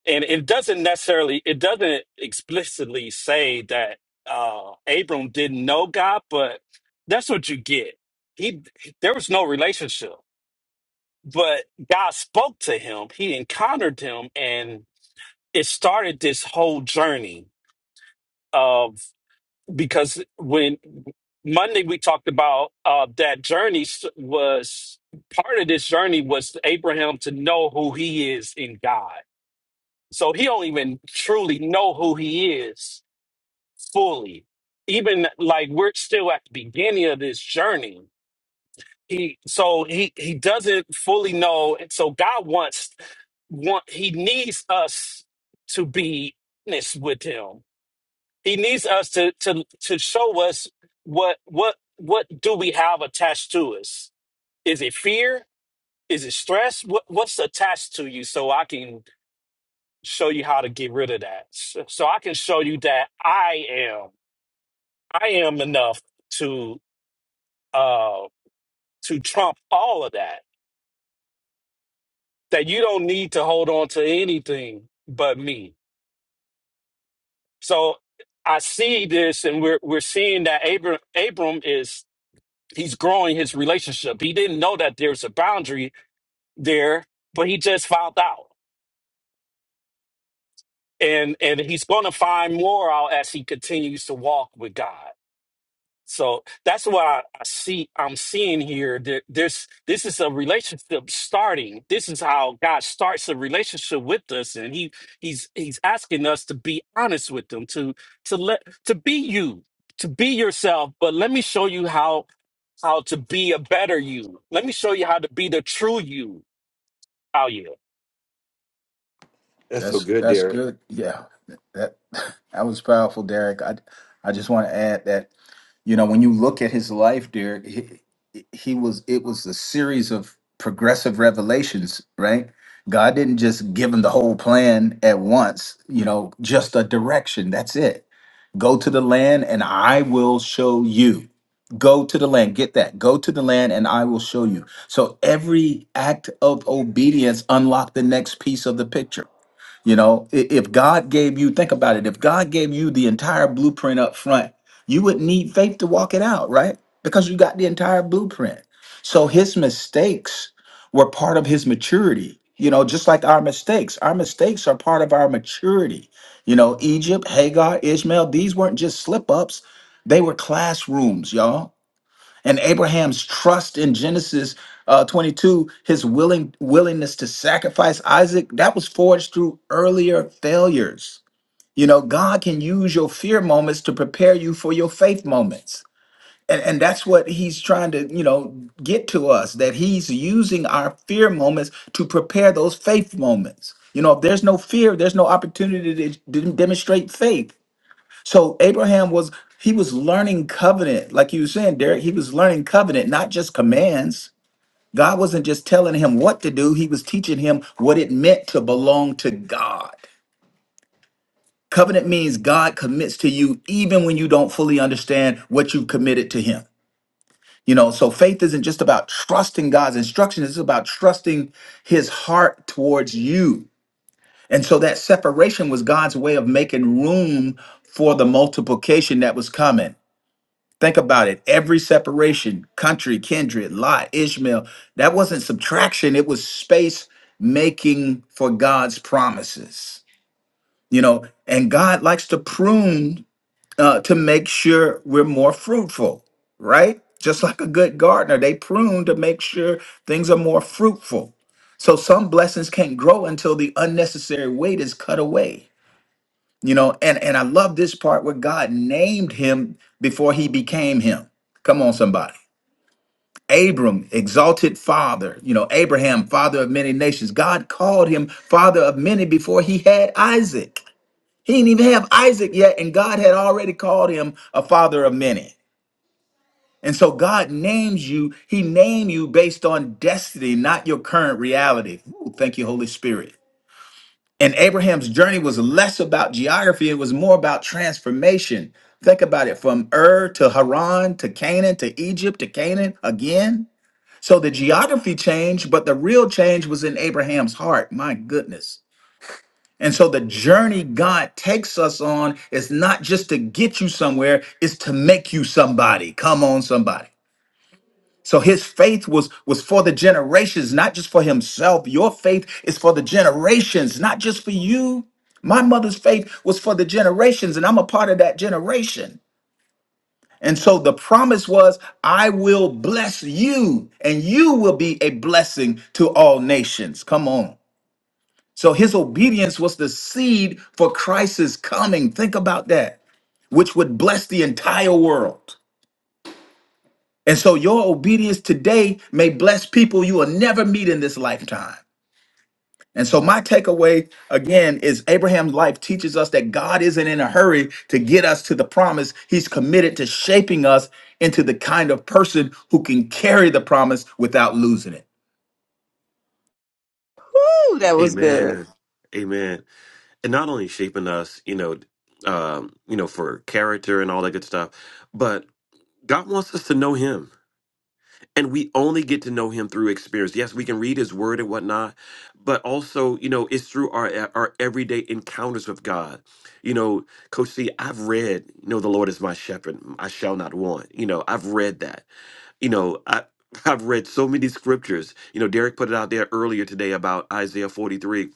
Speaker 6: and it doesn't necessarily it doesn't explicitly say that uh abram didn't know god but that's what you get he there was no relationship but god spoke to him he encountered him and it started this whole journey of because when monday we talked about uh that journey s- was part of this journey was abraham to know who he is in god So he don't even truly know who he is fully. Even like we're still at the beginning of this journey. He so he he doesn't fully know. And so God wants want he needs us to be honest with him. He needs us to to to show us what what what do we have attached to us? Is it fear? Is it stress? What what's attached to you so I can show you how to get rid of that. So, so I can show you that I am, I am enough to uh to trump all of that. That you don't need to hold on to anything but me. So I see this, and we're we're seeing that Abram Abram is he's growing his relationship. He didn't know that there's a boundary there, but he just found out, and and he's going to find more out as he continues to walk with God. So that's why I see I'm seeing here that this this is a relationship starting. This is how God starts a relationship with us, and he he's he's asking us to be honest with them, to to let to be you, to be yourself. But let me show you how how to be a better you. Let me show you how to be the true you out here.
Speaker 3: That's so
Speaker 9: That's
Speaker 3: good,
Speaker 9: that's
Speaker 3: Derek.
Speaker 9: good. Yeah, that that was powerful, Derek. I I just want to add that. You know, when you look at his life, Derek, he, he was it was a series of progressive revelations, right? God didn't just give him the whole plan at once, you know, just a direction. That's it. Go to the land and I will show you. Go to the land, get that. Go to the land and I will show you. So every act of obedience unlocked the next piece of the picture you know, i- if God gave you, think about it, if God gave you the entire blueprint up front, you would need faith to walk it out, right? Because you got the entire blueprint. So his mistakes were part of his maturity, you know, just like our mistakes. Our mistakes are part of our maturity. You know, Egypt, Hagar, Ishmael, these weren't just slip ups, they were classrooms, y'all and Abraham's trust in Genesis uh, 22, his willing willingness to sacrifice Isaac, that was forged through earlier failures. You know, God can use your fear moments to prepare you for your faith moments. And, and that's what he's trying to, you know, get to us that he's using our fear moments to prepare those faith moments. You know, if there's no fear, there's no opportunity to d- demonstrate faith. So Abraham was he was learning covenant, like you were saying, Derek. He was learning covenant, not just commands. God wasn't just telling him what to do; He was teaching him what it meant to belong to God. Covenant means God commits to you even when you don't fully understand what you've committed to Him. You know, so faith isn't just about trusting God's instructions; it's about trusting His heart towards you. And so that separation was God's way of making room for the multiplication that was coming. Think about it. Every separation, country, kindred, Lot, Ishmael, that wasn't subtraction. It was space making for God's promises. You know, and God likes to prune uh, to make sure we're more fruitful, right? Just like a good gardener, they prune to make sure things are more fruitful. So some blessings can't grow until the unnecessary weight is cut away you know and and i love this part where god named him before he became him come on somebody abram exalted father you know abraham father of many nations god called him father of many before he had isaac he didn't even have isaac yet and god had already called him a father of many and so god names you he named you based on destiny not your current reality Ooh, thank you holy spirit And Abraham's journey was less about geography, it was more about transformation. Think about it from Ur to Haran to Canaan to Egypt to Canaan again. So the geography changed, but the real change was in Abraham's heart. My goodness. And so the journey God takes us on is not just to get you somewhere, it's to make you somebody. Come on, somebody. So his faith was was for the generations, not just for himself. Your faith is for the generations, not just for you. My mother's faith was for the generations, and I'm a part of that generation. And so the promise was, I will bless you, and you will be a blessing to all nations. Come on. So his obedience was the seed for Christ's coming. Think about that, which would bless the entire world. And so your obedience today may bless people you will never meet in this lifetime. And so my takeaway again is Abraham's life teaches us that God isn't in a hurry to get us to the promise. He's committed to shaping us into the kind of person who can carry the promise without losing it.
Speaker 2: Ooh, that was good.
Speaker 3: Amen. Amen. And not only shaping us, you know, um, you know, for character and all that good stuff, but God wants us to know him. and we only get to know him through experience yes we can read his word and whatnot but also you know it's through our e, our everyday encounters with god you know coach c i've read you know the lord is my shepherd i shall not want you know i've read that you know i I've read so many scriptures. You know, Derek put it out there earlier today about Isaiah 43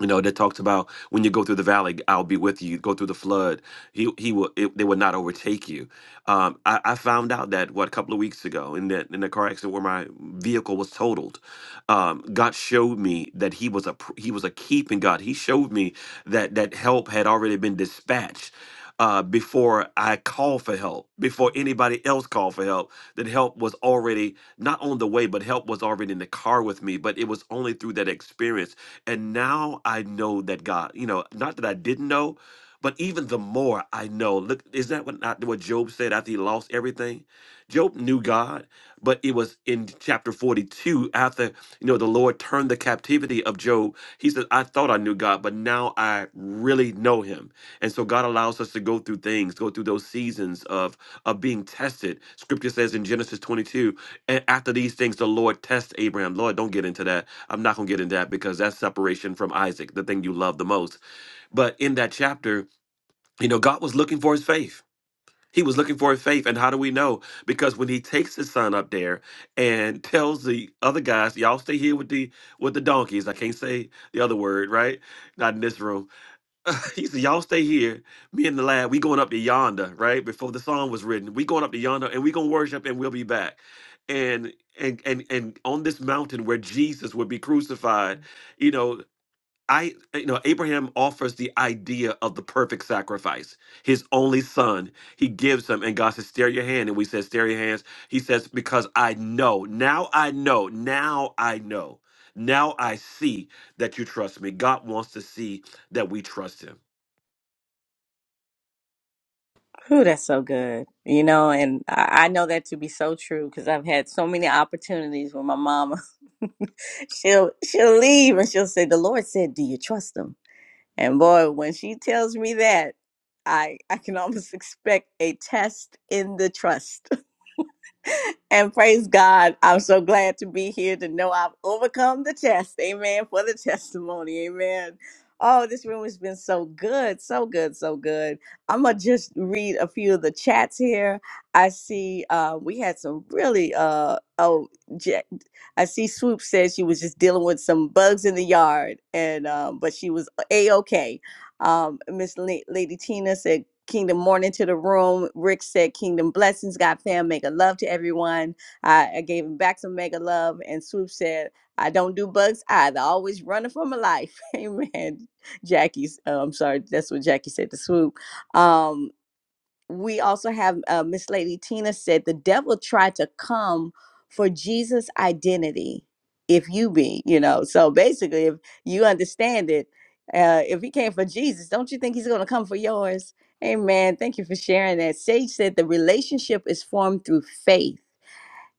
Speaker 3: you know that talks about when you go through the valley i'll be with you You go through the flood he, he will it, they will not overtake you um, I, I found out that what a couple of weeks ago in that in the car accident where my vehicle was totaled um, god showed me that he was a pr- he was a keeping god he showed me that that help had already been dispatched uh, before I called for help, before anybody else called for help, that help was already not on the way, but help was already in the car with me. But it was only through that experience and now I know that God, you know, not that I didn't know, but even the more I know. Look, is that what not what Job said after he lost everything? Job knew God, but it was in chapter 42 after, you know, the Lord turned the captivity of Job. He said, I thought I knew God, but now I really know him. And so God allows us to go through things, go through those seasons of of being tested. Scripture says in Genesis 22, and after these things, the Lord tests Abraham. Lord, don't get into that. I'm not going to get into that because that's separation from Isaac, the thing you love the most. But in that chapter, you know, God was looking for his faith. He was looking for his faith. And how do we know? Because when he takes his son up there and tells the other guys, y'all stay here with the with the donkeys. I can't say the other word, right? Not in this room. He said, Y'all stay here. Me and the lad, we going up to yonder, right? Before the song was written. We going up to yonder and we gonna worship and we'll be back. And and and and on this mountain where Jesus would be crucified, you know, I you know Abraham offers the idea of the perfect sacrifice, his only son. He gives him, and God says, "Stare your hand," and we said, "Stare your hands." He says, "Because I know now, I know now, I know now, I see that you trust me." God wants to see that we trust Him.
Speaker 2: Ooh, that's so good. You know, and I I know that to be so true because I've had so many opportunities with my mama. she'll she'll leave and she'll say, "The Lord said, do you trust Him?" And boy, when she tells me that, I I can almost expect a test in the trust. And praise God. I'm so glad to be here to know I've overcome the test. Amen. For the testimony. Amen. Oh, this room has been so good. So good. So good. I'm going to just read a few of the chats here. I see uh, we had some really, uh, oh, Ja- I see Swoop said she was just dealing with some bugs in the yard, and um, but she was A OK. Um, Miss La- Lady Tina said, Kingdom morning to the room. Rick said, Kingdom blessings, God fam, mega love to everyone. I, I gave him back some mega love. And Swoop said, I don't do bugs either. Always running for my life. Amen. Jackie's, uh, I'm sorry, that's what Jackie said to Swoop. Um, we also have uh, Miss Lady Tina said the devil tried to come for Jesus' identity. If you be, you know, so basically, if you understand it, uh, if he came for Jesus, don't you think he's going to come for yours? Amen. Thank you for sharing that. Sage said the relationship is formed through faith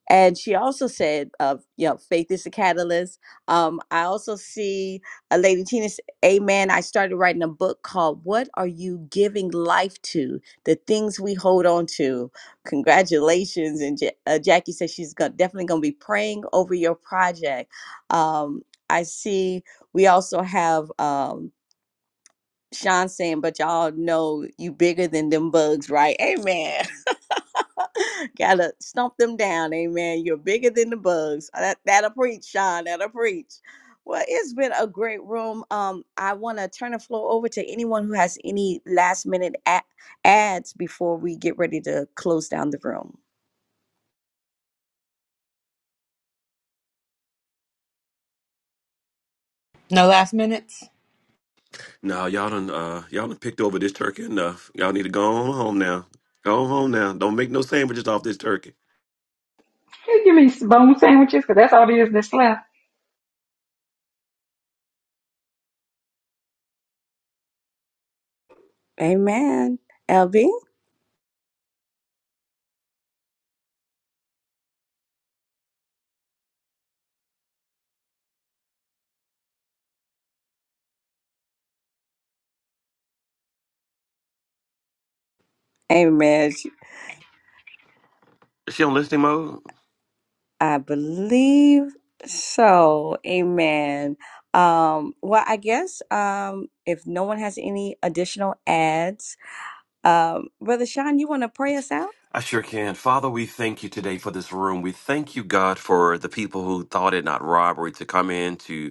Speaker 2: and she also said, uh, you know, faith is a catalyst. Um, I also see a lady, Tina, s- amen. I started writing a book called What Are You Giving Life to? The Things We Hold On to. Congratulations. And Ja- uh, Jackie says she's go- definitely going to be praying over your project. Um, I see we also have um, Sean saying, but y'all know you bigger than them bugs, right? Amen. Gotta stomp them down, amen. You're bigger than the bugs. Uh, That, that'll preach, Sean. That'll preach. Well, it's been a great room. Um, I want to turn the floor over to anyone who has any last minute a- ads before we get ready to close down the room.
Speaker 1: No last minutes.
Speaker 3: Now, y'all done uh, y'all done picked over this turkey enough. Y'all need to go on home now. Go on home now. Don't make no sandwiches off this turkey.
Speaker 2: Amen. LB? Amen.
Speaker 3: Is she on listening mode?
Speaker 2: I believe so. Amen. Um, well, I guess um, if no one has any additional ads, um, Brother Sean, you want to pray us out?
Speaker 3: I sure can. Father, we thank you today for this room. We thank you, God, for the people who thought it not robbery to come in to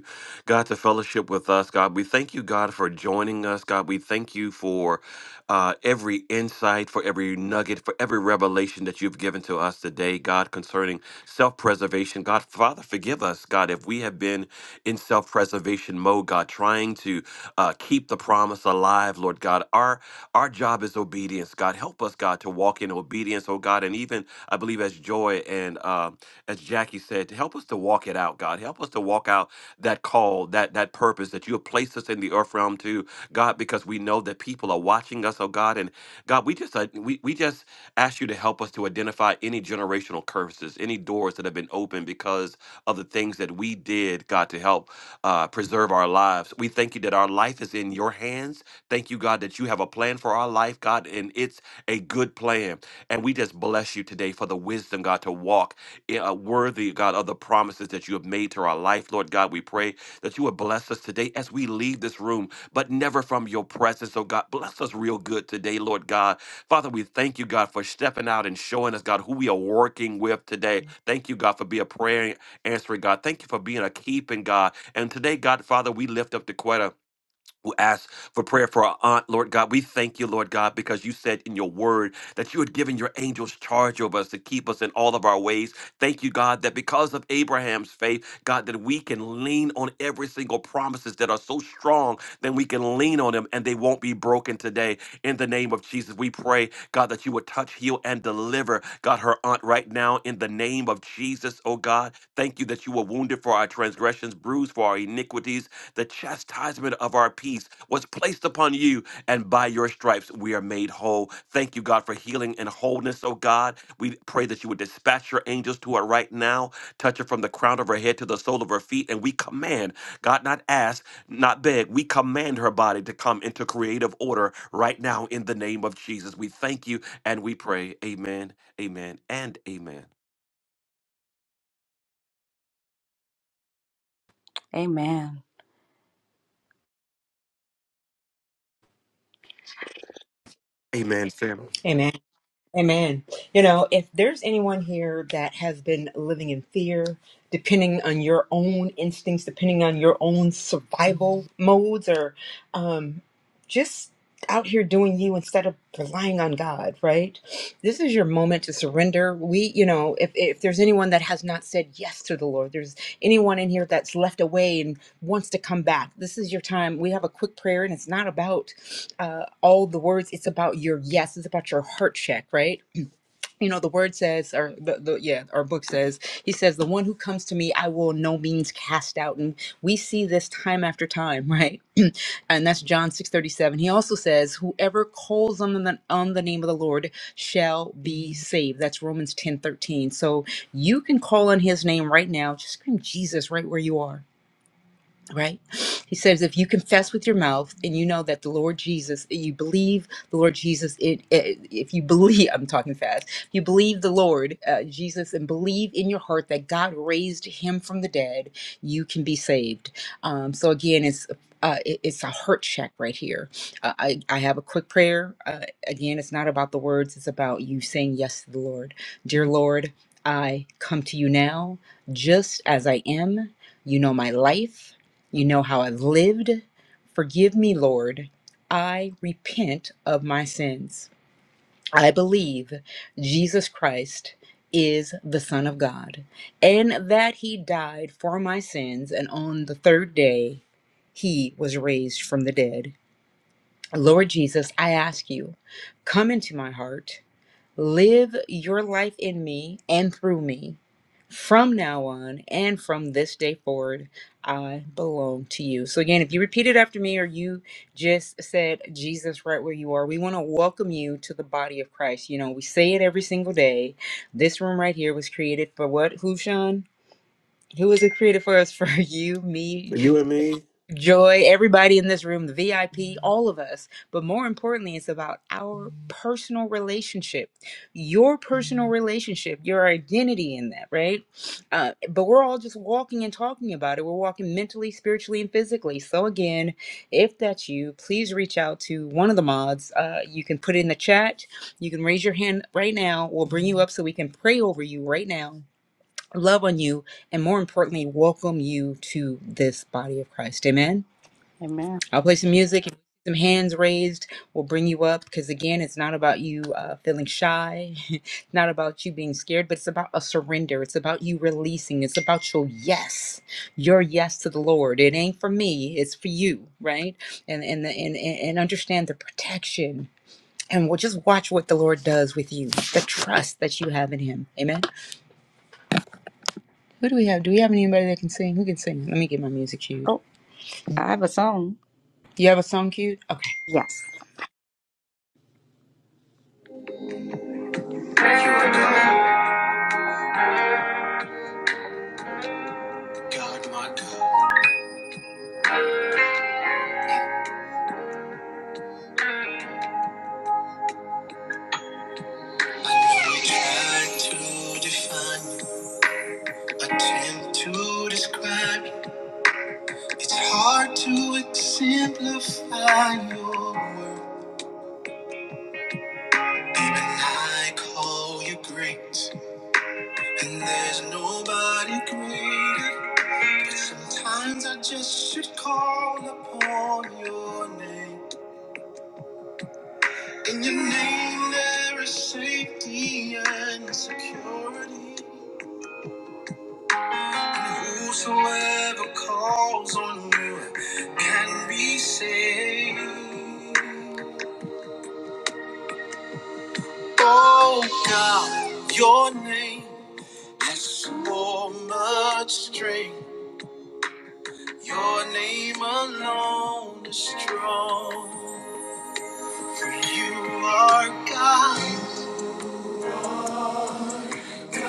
Speaker 3: God, to fellowship with us, God. We thank you, God, for joining us, God. We thank you for uh, every insight, for every nugget, for every revelation that you've given to us today, God, concerning self preservation. God, Father, forgive us, God, if we have been in self preservation mode, God, trying to uh, keep the promise alive, Lord God. Our our job is obedience, God. Help us, God, to walk in obedience, oh God, and even I believe as Joy and um, as Jackie said, to help us to walk it out, God. Help us to walk out that call, that that purpose that you have placed us in the earth realm to, God, because we know that people are watching us, oh God. And God, we just uh, we, we just ask you to help us to identify any generational curses, any doors that have been opened because of the things that we did, God, to help uh, preserve our lives. We thank you that our life is in your hands. Thank you, God, that you have a plan for our life, God, and it's a good plan. And we just bless you today for the wisdom, God, to walk in- uh, worthy, God, of the promises that you have made to our life. Lord God, we pray that you would bless us today as we leave this room, but never from your presence. So, God, bless us real good today, Lord God. Father, we thank you, God, for stepping out and showing us, God, who we are working with today. Thank you, God, for being a prayer answering, God. Thank you for being a keeping, God. And today, God, Father, we lift up the Quetta who asked for prayer for our aunt, Lord God. We thank you, Lord God, because you said in your word that you had given your angels charge over us to keep us in all of our ways. Thank you, God, that because of Abraham's faith, God, that we can lean on every single promises that are so strong that we can lean on them and they won't be broken today. In the name of Jesus, we pray, God, that you would touch, heal, and deliver, God, her aunt right now in the name of Jesus, oh God. Thank you that you were wounded for our transgressions, bruised for our iniquities. The chastisement of our peace was placed upon you, and by your stripes we are made whole. Thank you, God, for healing and wholeness, oh God. We pray that you would dispatch your angels to her right now, touch her from the crown of her head to the sole of her feet, and we command, God, not ask, not beg, we command her body to come into creative order right now in the name of Jesus. We thank you and we pray. Amen Amen and amen.
Speaker 2: Amen.
Speaker 3: Amen, fam.
Speaker 1: Amen. Amen. You know, if there's anyone here that has been living in fear, depending on your own instincts, depending on your own survival modes, or um, just out here doing you instead of relying on God, right? This is your moment to surrender. We, you know, if, if there's anyone that has not said yes to the Lord, there's anyone in here that's left away and wants to come back, this is your time. We have a quick prayer and it's not about uh, all the words, it's about your yes, it's about your heart check, right? you know the word says or the, the yeah our book says he says the one who comes to me i will no means cast out and we see this time after time right and that's john 6 37. he also says whoever calls on the on the name of the lord shall be saved that's romans 10 13. so you can call on his name right now just scream jesus right where you are right? He says, if you confess with your mouth and you know that the Lord Jesus, you believe the Lord Jesus, it, it, if you believe, I'm talking fast, if you believe the Lord uh, Jesus and believe in your heart that God raised him from the dead, you can be saved. Um, so again, it's uh, it- it's a heart check right here. Uh, I, I have a quick prayer. Uh, again, it's not about the words, it's about you saying yes to the Lord. Dear Lord, I come to you now just as I am. You know my life. You know how I've lived. Forgive me, Lord. I repent of my sins. I believe Jesus Christ is the Son of God and that he died for my sins, and on the third day he was raised from the dead. Lord Jesus, I ask you, come into my heart. Live your life in me and through me. From now on and from this day forward, I belong to you. So, again, if you repeat it after me or you just said Jesus right where you are, we want to welcome you to the body of Christ. You know, we say it every single day. This room right here was created for what? Who, Sean? Who was it created for us? For you, me,
Speaker 3: For you and me,
Speaker 1: Joy, everybody in this room, the VIP, all of us. But more importantly, it's about our personal relationship, your personal relationship, your identity in that, right? Uh, but we're all just walking and talking about it. We're walking mentally, spiritually, and physically. So, again, if that's you, please reach out to one of the mods. Uh, you can put it in the chat. You can raise your hand right now. We'll bring you up so we can pray over you right now, love on you, and more importantly, welcome you to this body of Christ. Amen.
Speaker 2: Amen.
Speaker 1: I'll play some music. If some hands raised, we'll bring you up because again, it's not about you uh, feeling shy, it's not about you being scared, but it's about a surrender. It's about you releasing. It's about your yes, your yes to the Lord. It ain't for me. It's for you, right? And and the, and and and understand the protection. And we'll just watch what the Lord does with you, the trust that you have in Him. Amen. Who do we have? Do we have anybody that can sing? Who can sing? Let me get my music cued.
Speaker 2: Oh, I have a song.
Speaker 1: You have a song cued? Okay.
Speaker 2: Yes. You are God, my God. I know tried to define, attempt to describe. It's hard to exemplify your work. Even I call you great, and there's nobody greater. But sometimes I just should call upon your name. In your name there is safety and security. Whosoever calls on you can be saved. Oh God, your name has so much strength. Your name alone is strong. For you are God. There's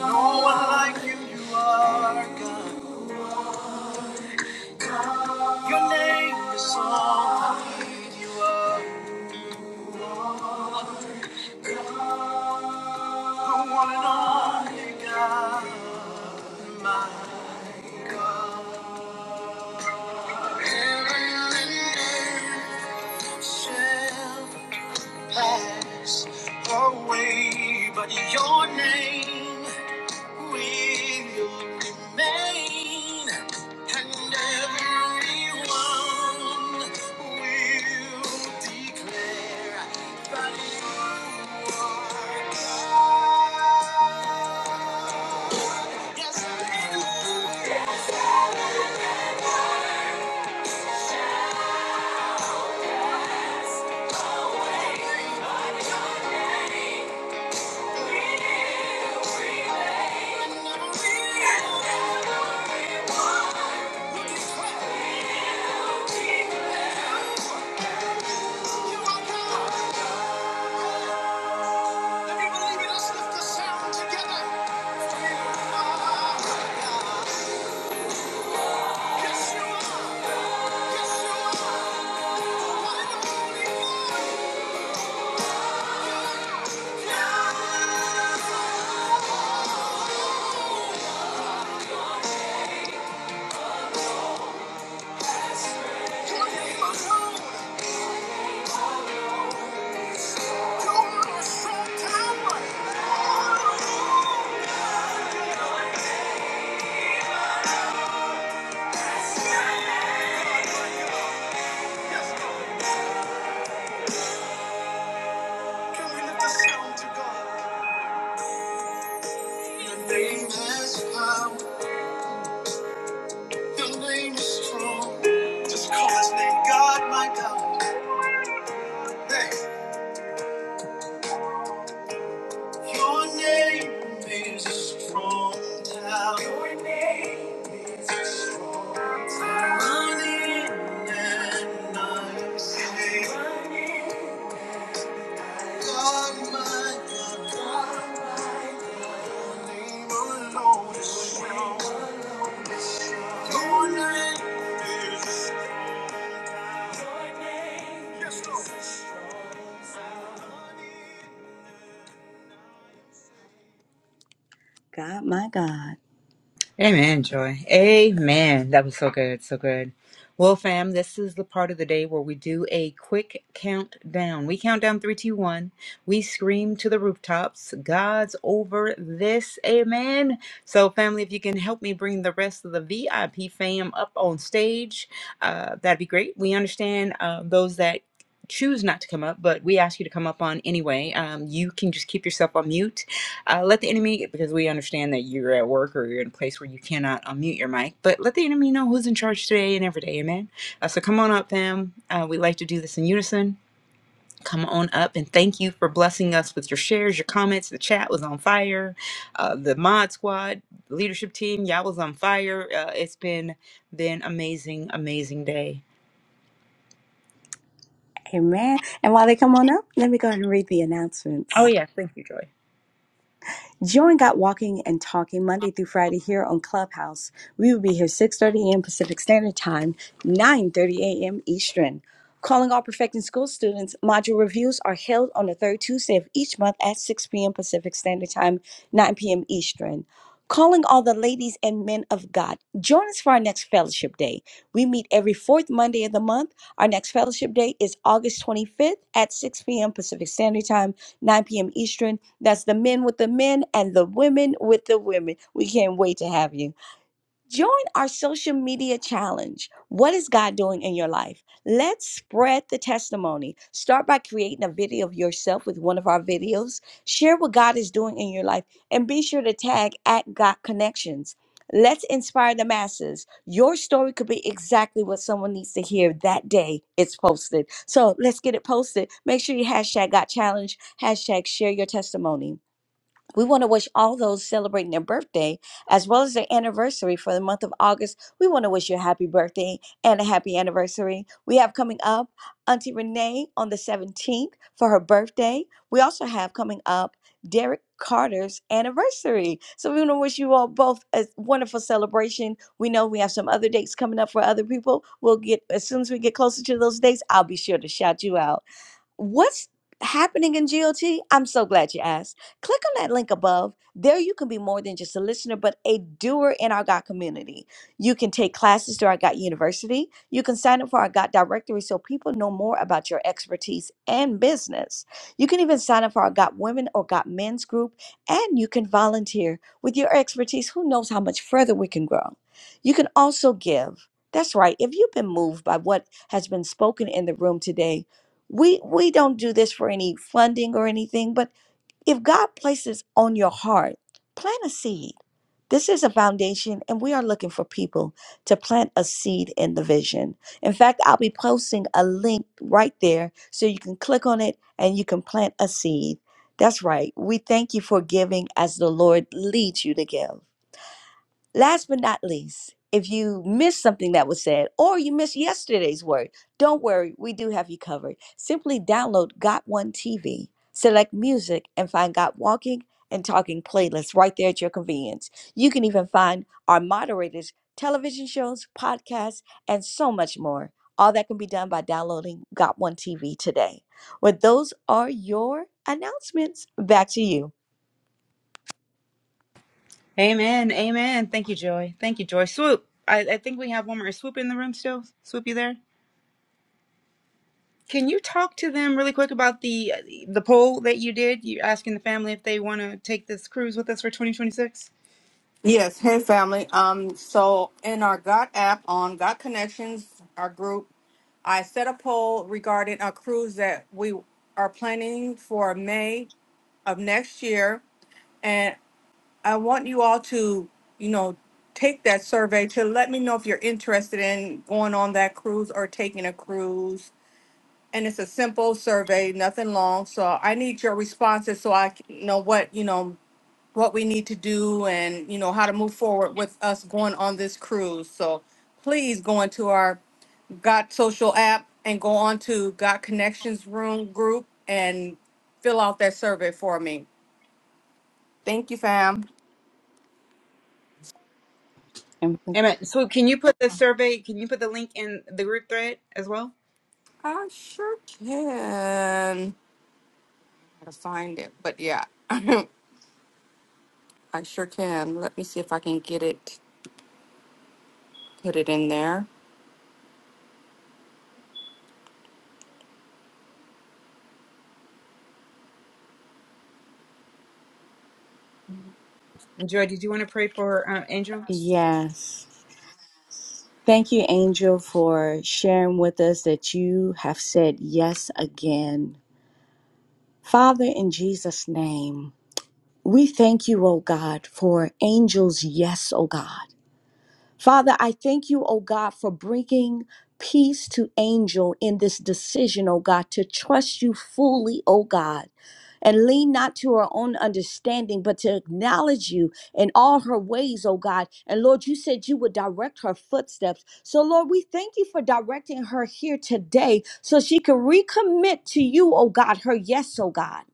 Speaker 2: no one like you. You are God. Your name is all I need you are. The one and only God, my God. Heaven and earth shall pass away, but your name will remain, and everyone will declare that you are God. Yes, it will believe it, let's lift the sound together. Your name alone, your strong tower. Yes, Can we lift the sound to God? Your name has power. Your name is strong. Just call his name God, my God. Hey. Your name is a strong tower. Running and I am safe. God, my God, name alone is strong. Your name is Yes, Lord. God, my God.
Speaker 1: Amen, Joy. Amen. That was so good. So good. Well, fam, this is the part of the day where we do a quick countdown. We count down three, two, one. We scream to the rooftops. God's over this. Amen. So, family, if you can help me bring the rest of the VIP fam up on stage, uh, that'd be great. We understand uh, those that choose not to come up, but we ask you to come up on anyway. Um, you can just keep yourself on mute uh, let the enemy, because we understand that you're at work or you're in a place where you cannot unmute your mic, but let the enemy know who's in charge today and every day, amen? Uh, so come on up, fam. Uh, we like to do this in unison. Come on up and thank you for blessing us with your shares, your comments. The chat was on fire. Uh, the mod squad, the leadership team, y'all was on fire. Uh, it's been been amazing, amazing day.
Speaker 2: Amen. And while they come on up, let me go ahead and read the announcements.
Speaker 1: Oh yeah, thank you, Joy.
Speaker 2: Join Got Walking and Talking Monday through Friday here on Clubhouse. We will be here 6.30 a.m. Pacific Standard Time, 9.30 a.m. Eastern. Calling all Perfecting School students, module reviews are held on the third Tuesday of each month at 6 p.m. Pacific Standard Time, 9 p.m. Eastern. Calling all the ladies and men of God, join us for our next fellowship day. We meet every fourth Monday of the month. Our next fellowship day is August 25th at 6 p.m. Pacific Standard Time. 9 p.m. Eastern. That's the men with the men and the women with the women. We can't wait to have you. Join our social media challenge. What is God doing in your life? Let's spread the testimony. Start by creating a video of yourself with one of our videos. Share what God is doing in your life and be sure to tag at God Connections. Let's inspire the masses. Your story could be exactly what someone needs to hear that day it's posted. So let's get it posted. Make sure you hashtag God Challenge, hashtag share your testimony. We want to wish all those celebrating their birthday as well as their anniversary for the month of August. We want to wish you a happy birthday and a happy anniversary. We have coming up Auntie Renee on the 17th for her birthday. We also have coming up Derek Carter's anniversary. So we want to wish you all both a wonderful celebration. We know we have some other dates coming up for other people. We'll get as soon as we get closer to those dates, I'll be sure to shout you out. What's happening in GLT? I'm so glad you asked. Click on that link above. There you can be more than just a listener, but a doer in our God community. You can take classes through our God University. You can sign up for our God directory so people know more about your expertise and business. You can even sign up for our God Women or God Men's group, and you can volunteer with your expertise. Who knows how much further we can grow? You can also give. That's right. If you've been moved by what has been spoken in the room today, we we don't do this for any funding or anything, but if God places on your heart, plant a seed. This is a foundation, and we are looking for people to plant a seed in the vision. In fact, I'll be posting a link right there so you can click on it and you can plant a seed. That's right. We thank you for giving as the Lord leads you to give. Last but not least, if you missed something that was said or you missed yesterday's word, don't worry, we do have you covered. Simply download Got One TV, select music, and find Got Walking and Talking playlists right there at your convenience. You can even find our moderators, television shows, podcasts, and so much more. All that can be done by downloading Got One TV today. Well, those are your announcements. Back to you.
Speaker 1: Amen, amen. Thank you, Joy. Thank you, Joy. Swoop. I, I think we have one more. Is Swoop in the room still? Swoop, you there? Can you talk to them really quick about the uh, the poll that you did? You're asking the family if they want to take this cruise with us for 2026.
Speaker 5: Yes. Hey, family. Um. So in our Got app on Got Connections, our group, I set a poll regarding a cruise that we are planning for May of next year, and I want you all to, you know, take that survey to let me know if you're interested in going on that cruise or taking a cruise and it's a simple survey, nothing long. So I need your responses so I c- know what, you know, what we need to do and, you know, how to move forward with us going on this cruise. So please go into our Got Social app and go on to Got Connections Room group and fill out that survey for me. Thank you, fam.
Speaker 2: And
Speaker 1: Amen. So, can you put the survey? Can you put the link in the group thread as well?
Speaker 5: I sure can. Gotta find it, but yeah, I sure can. Let me see if I can get it, put it in there.
Speaker 1: Joy, did you want to pray for uh, Angel?
Speaker 2: yes. Thank you, Angel, for sharing with us that you have said yes again. Father, in Jesus' name, we thank you, O God, for Angel's yes, O God. Father, I thank you, oh God, for bringing peace to Angel in this decision, oh God, to trust you fully, oh God and lean not to her own understanding, but to acknowledge you in all her ways, oh God. And Lord, you said you would direct her footsteps. So, Lord, we thank you for directing her here today so she can recommit to you, oh God, her yes, oh God.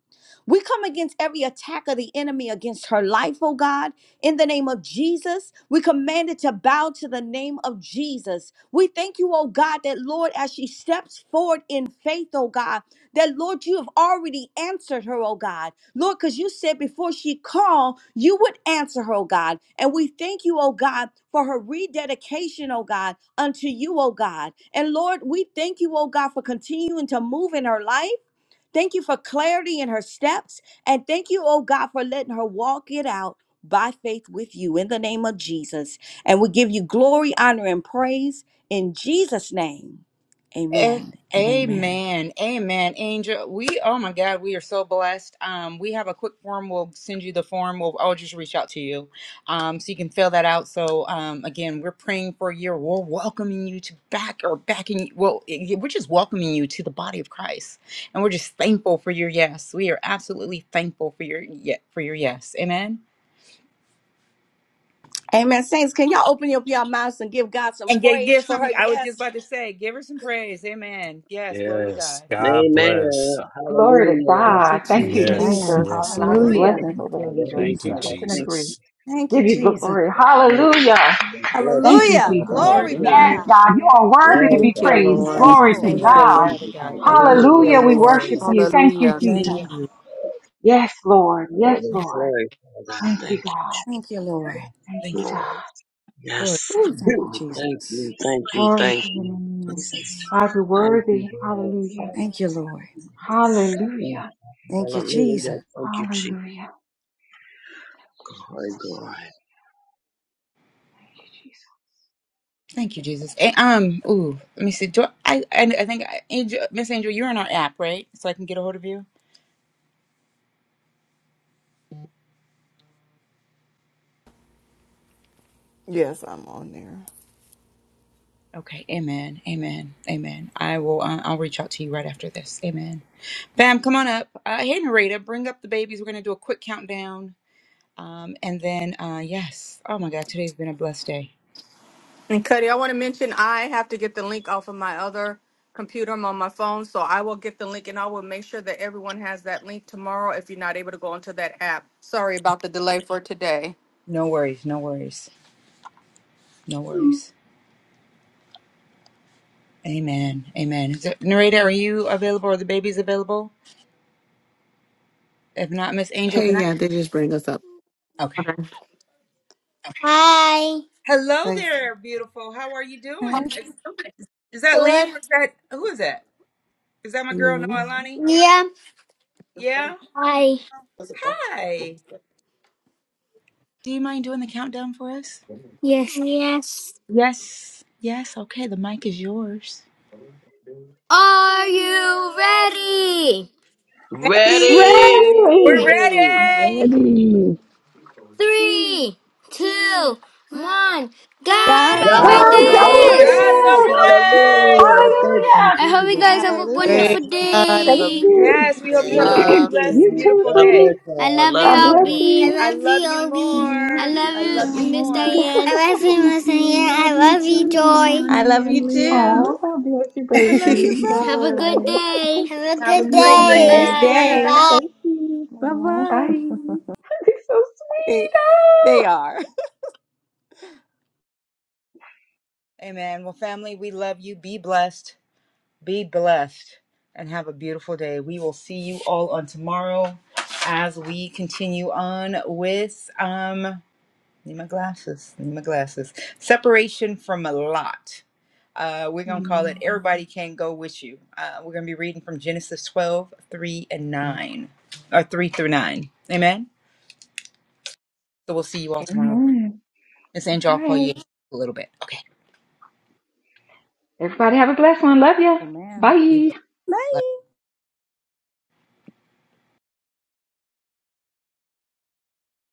Speaker 2: We come against every attack of the enemy against her life, oh God. In the name of Jesus, we command it to bow to the name of Jesus. We thank you, oh God, that Lord, as she steps forward in faith, oh God, that Lord, you have already answered her, oh God. Lord, because you said before she called, you would answer her, oh God. And we thank you, oh God, for her rededication, oh God, unto you, oh God. And Lord, we thank you, oh God, for continuing to move in her life. Thank you for clarity in her steps. And thank you, oh God, for letting her walk it out by faith with you in the name of Jesus. And we give you glory, honor, and praise in Jesus' name.
Speaker 1: Eh,
Speaker 2: Amen and amen.
Speaker 1: Amen. Amen. Angel, we, oh my God, we are so blessed. Um, we have a quick form. We'll send you the form. We'll, I'll just reach out to you. Um, so you can fill that out. So, um, again, we're praying for you. We're welcoming you to back or backing, well, eh, we're just welcoming you to the body of Christ. And we're just thankful for your yes. We are absolutely thankful for your, yeah, for your yes. Amen.
Speaker 2: Amen. Saints, can y'all open up your mouths and give God some
Speaker 1: And give, give
Speaker 2: praise for
Speaker 1: some,
Speaker 2: her?
Speaker 1: I was just
Speaker 2: Yes.
Speaker 1: about to say, give her some praise. Amen. Yes. Glory to
Speaker 6: Yes,
Speaker 1: God.
Speaker 6: God
Speaker 10: Amen.
Speaker 6: bless.
Speaker 8: Glory to
Speaker 10: Hallelujah.
Speaker 5: Thank you,
Speaker 8: God. Thank
Speaker 10: Thank
Speaker 8: you,
Speaker 10: you, Father.
Speaker 5: Jesus.
Speaker 6: Yes,
Speaker 11: Amen.
Speaker 8: Jesus.
Speaker 6: yes,
Speaker 8: God's
Speaker 6: Lord.
Speaker 11: Hallelujah.
Speaker 10: Thank
Speaker 2: Hallelujah.
Speaker 8: blessings
Speaker 10: you,
Speaker 5: Thank
Speaker 8: over
Speaker 10: Father.
Speaker 5: you,
Speaker 8: angel.
Speaker 10: Heavenly
Speaker 6: Thank
Speaker 11: Jesus.
Speaker 8: We
Speaker 6: you,
Speaker 10: Father,
Speaker 8: touch
Speaker 10: I
Speaker 8: and
Speaker 10: thank
Speaker 8: agree.
Speaker 6: Jesus.
Speaker 2: Thank
Speaker 8: Give
Speaker 2: you,
Speaker 10: you.
Speaker 8: you
Speaker 2: Jesus.
Speaker 8: glory.
Speaker 10: Lord. Thank you
Speaker 8: Hallelujah.
Speaker 10: for your
Speaker 8: Thank
Speaker 10: blessing,
Speaker 8: you,
Speaker 2: Hallelujah.
Speaker 10: Father.
Speaker 8: Jesus.
Speaker 1: Glory to
Speaker 2: Glory be to
Speaker 8: Yes,
Speaker 10: Hallelujah.
Speaker 1: God.
Speaker 11: Hallelujah.
Speaker 2: God.
Speaker 8: God, you
Speaker 11: Yes.
Speaker 8: are worthy to be
Speaker 5: Thank
Speaker 10: Glorify
Speaker 5: you,
Speaker 11: Thank
Speaker 10: you,
Speaker 11: you,
Speaker 8: praised.
Speaker 5: Lord.
Speaker 2: Yes,
Speaker 10: Father,
Speaker 11: Jesus.
Speaker 8: Glory
Speaker 10: in the
Speaker 2: Lord.
Speaker 8: to
Speaker 5: Thank
Speaker 10: name
Speaker 5: you,
Speaker 10: of
Speaker 1: Yes,
Speaker 5: Lord.
Speaker 8: God.
Speaker 1: Father
Speaker 10: Jesus.
Speaker 1: God. Thank
Speaker 11: Thank
Speaker 5: Thank
Speaker 11: you,
Speaker 10: Hallelujah.
Speaker 5: you,
Speaker 11: Jesus.
Speaker 8: Hallelujah.
Speaker 2: Thank
Speaker 8: We
Speaker 2: you,
Speaker 5: Lord.
Speaker 8: worship
Speaker 2: Jesus.
Speaker 10: Amen.
Speaker 8: you. Thank you,
Speaker 5: Hallelujah.
Speaker 1: Thank
Speaker 11: Hallelujah.
Speaker 8: Jesus.
Speaker 1: you.
Speaker 8: Yes, Lord.
Speaker 10: Lord,
Speaker 8: Yes,
Speaker 10: and
Speaker 8: Lord.
Speaker 10: glory, Father. I
Speaker 8: Thank you,
Speaker 10: Thank you,
Speaker 8: God.
Speaker 10: Jesus,
Speaker 2: Thank you, Lord.
Speaker 8: Thank
Speaker 1: Thank
Speaker 8: you,
Speaker 1: you,
Speaker 10: Lord.
Speaker 8: God.
Speaker 1: Lord.
Speaker 10: Yes.
Speaker 8: Thank
Speaker 2: Ooh,
Speaker 10: Thank
Speaker 8: you,
Speaker 2: thank you,
Speaker 8: God.
Speaker 10: you. Thank
Speaker 2: Jesus.
Speaker 10: you. Thank you.
Speaker 8: Glory
Speaker 10: Thank
Speaker 8: to the
Speaker 10: you.
Speaker 8: name.
Speaker 2: Jesus.
Speaker 10: Thank you, God. Father.
Speaker 8: Hallelujah.
Speaker 2: Thank you, Lord.
Speaker 10: Thank you.
Speaker 2: Thank you, Jesus.
Speaker 10: Hallelujah. Thank you, Jesus. Glory, glory.
Speaker 1: Thank you, Jesus. And, um, ooh, let me see. Do I? I, I think I, Angel, Miss Angel, you're on our app, right? So I can get a hold of you.
Speaker 12: Yes, I'm on there.
Speaker 1: Okay. Amen. Amen. Amen. I will. Uh, I'll reach out to you right after this. Amen. Bam, come on up. Uh, hey, Narita, bring up the babies. We're gonna do a quick countdown. Um, and then, uh, yes. Oh my God, today's been a blessed day.
Speaker 5: And Cuddy, I want to mention I have to get the link off of my other computer. I'm on my phone, so I will get the link and I will make sure that everyone has that link tomorrow if you're not able to go onto that app. Sorry about the delay for today.
Speaker 1: No worries. No worries. No worries. Amen. Amen. Is it, Narita, are you available? Are the babies available? If not, Miss Angel,
Speaker 13: Hey,
Speaker 1: can
Speaker 13: yeah, they just bring us up.
Speaker 1: I? Okay.
Speaker 13: Hi.
Speaker 1: Hello
Speaker 13: Nice.
Speaker 1: there, beautiful. How are you doing? Is, is that
Speaker 13: Good.
Speaker 1: Lynn? Is that who is that? Is that my girl
Speaker 13: Mhm.
Speaker 1: Noelani?
Speaker 13: Yeah.
Speaker 1: Yeah.
Speaker 13: Hi.
Speaker 1: Hi. Do you mind doing the countdown for us?
Speaker 13: Yes. Yes.
Speaker 1: Yes. Yes. Okay. The mic is yours.
Speaker 13: Are you ready?
Speaker 5: Daddy,
Speaker 10: Ready!
Speaker 2: Baby,
Speaker 1: We're
Speaker 8: Ready!
Speaker 1: ready.
Speaker 11: Ready.
Speaker 13: Three, two, one. God
Speaker 2: God's
Speaker 13: over
Speaker 14: God
Speaker 11: God
Speaker 10: God
Speaker 5: God's
Speaker 8: God's
Speaker 10: is
Speaker 14: is
Speaker 2: over
Speaker 14: a
Speaker 11: over
Speaker 5: over
Speaker 8: over
Speaker 10: over
Speaker 13: this.
Speaker 1: God's
Speaker 11: this.
Speaker 10: this.
Speaker 2: this.
Speaker 1: over
Speaker 8: this!
Speaker 2: Woo!
Speaker 5: this.
Speaker 13: Woo!
Speaker 1: this.
Speaker 10: Hallelujah. Thank you,
Speaker 8: Hallelujah!
Speaker 13: I hope you
Speaker 10: Jesus.
Speaker 13: guys have a
Speaker 10: Hallelujah,
Speaker 13: wonderful
Speaker 14: great
Speaker 2: Hallelujah.
Speaker 10: Jesus.
Speaker 14: God and
Speaker 8: Thank
Speaker 10: Thank
Speaker 14: a
Speaker 13: day.
Speaker 14: big
Speaker 10: you.
Speaker 8: you.
Speaker 1: Yes.
Speaker 2: You
Speaker 1: We hope you have
Speaker 14: day.
Speaker 2: too.
Speaker 1: a
Speaker 10: Y'all
Speaker 5: Love.
Speaker 1: blessed
Speaker 8: You
Speaker 1: and
Speaker 10: too.
Speaker 8: too,
Speaker 1: beautiful
Speaker 10: God
Speaker 8: sweetie.
Speaker 10: bless
Speaker 1: day.
Speaker 13: I
Speaker 10: y'all.
Speaker 13: love
Speaker 10: I love
Speaker 13: you,
Speaker 8: God
Speaker 14: That's
Speaker 10: y'all.
Speaker 8: bless
Speaker 14: what i are.
Speaker 13: Obi. I
Speaker 1: I
Speaker 8: you.
Speaker 13: love
Speaker 1: love
Speaker 13: you,
Speaker 1: you
Speaker 13: Obi.
Speaker 4: And love
Speaker 13: I
Speaker 1: more.
Speaker 4: you
Speaker 13: love
Speaker 1: I love you
Speaker 13: you, Miss
Speaker 1: more.
Speaker 4: guys.
Speaker 13: Diane. I love you,
Speaker 4: Thank
Speaker 13: Miss
Speaker 4: you.
Speaker 13: Diane. I
Speaker 4: Love you
Speaker 13: love
Speaker 4: too,
Speaker 13: you, Joy.
Speaker 2: I
Speaker 4: Noelani
Speaker 2: love
Speaker 4: and
Speaker 2: you
Speaker 4: Liam.
Speaker 2: too.
Speaker 8: Oh, God bless you,
Speaker 2: I love you
Speaker 8: babies.
Speaker 4: Bye
Speaker 13: Have a
Speaker 2: both.
Speaker 13: good
Speaker 4: bye.
Speaker 13: day. Have a
Speaker 1: Have
Speaker 13: good
Speaker 1: a
Speaker 8: You
Speaker 4: Thank
Speaker 8: have
Speaker 1: great
Speaker 8: a
Speaker 13: day.
Speaker 8: good day
Speaker 4: you.
Speaker 1: day.
Speaker 2: Blessed
Speaker 13: Bye.
Speaker 8: too.
Speaker 2: day.
Speaker 1: Yes.
Speaker 8: Thank you.
Speaker 2: Bye
Speaker 4: Aww.
Speaker 2: bye.
Speaker 8: Bye. It's so
Speaker 2: They, they
Speaker 8: sweet.
Speaker 2: are.
Speaker 1: Amen. Well, family, we love you. Be blessed. Be blessed and have a beautiful day. We will see you all on tomorrow as we continue on with um need my glasses. Need my glasses. Separation from a lot. Uh, we're
Speaker 8: Oh.
Speaker 1: gonna call it
Speaker 8: Mm.
Speaker 1: Everybody Can't Go With You. Uh, we're gonna be reading from Genesis 12, 3, and 9. Or 3 through 9. Amen. So we'll see you all tomorrow.
Speaker 8: Amen.
Speaker 1: Miss
Speaker 8: All
Speaker 1: Angel, I'll call
Speaker 8: right.
Speaker 1: you in a little bit. Okay.
Speaker 8: Everybody have a blessed one. Love you.
Speaker 2: Amen.
Speaker 1: Be
Speaker 8: Bye.
Speaker 1: blessed.
Speaker 2: Bye.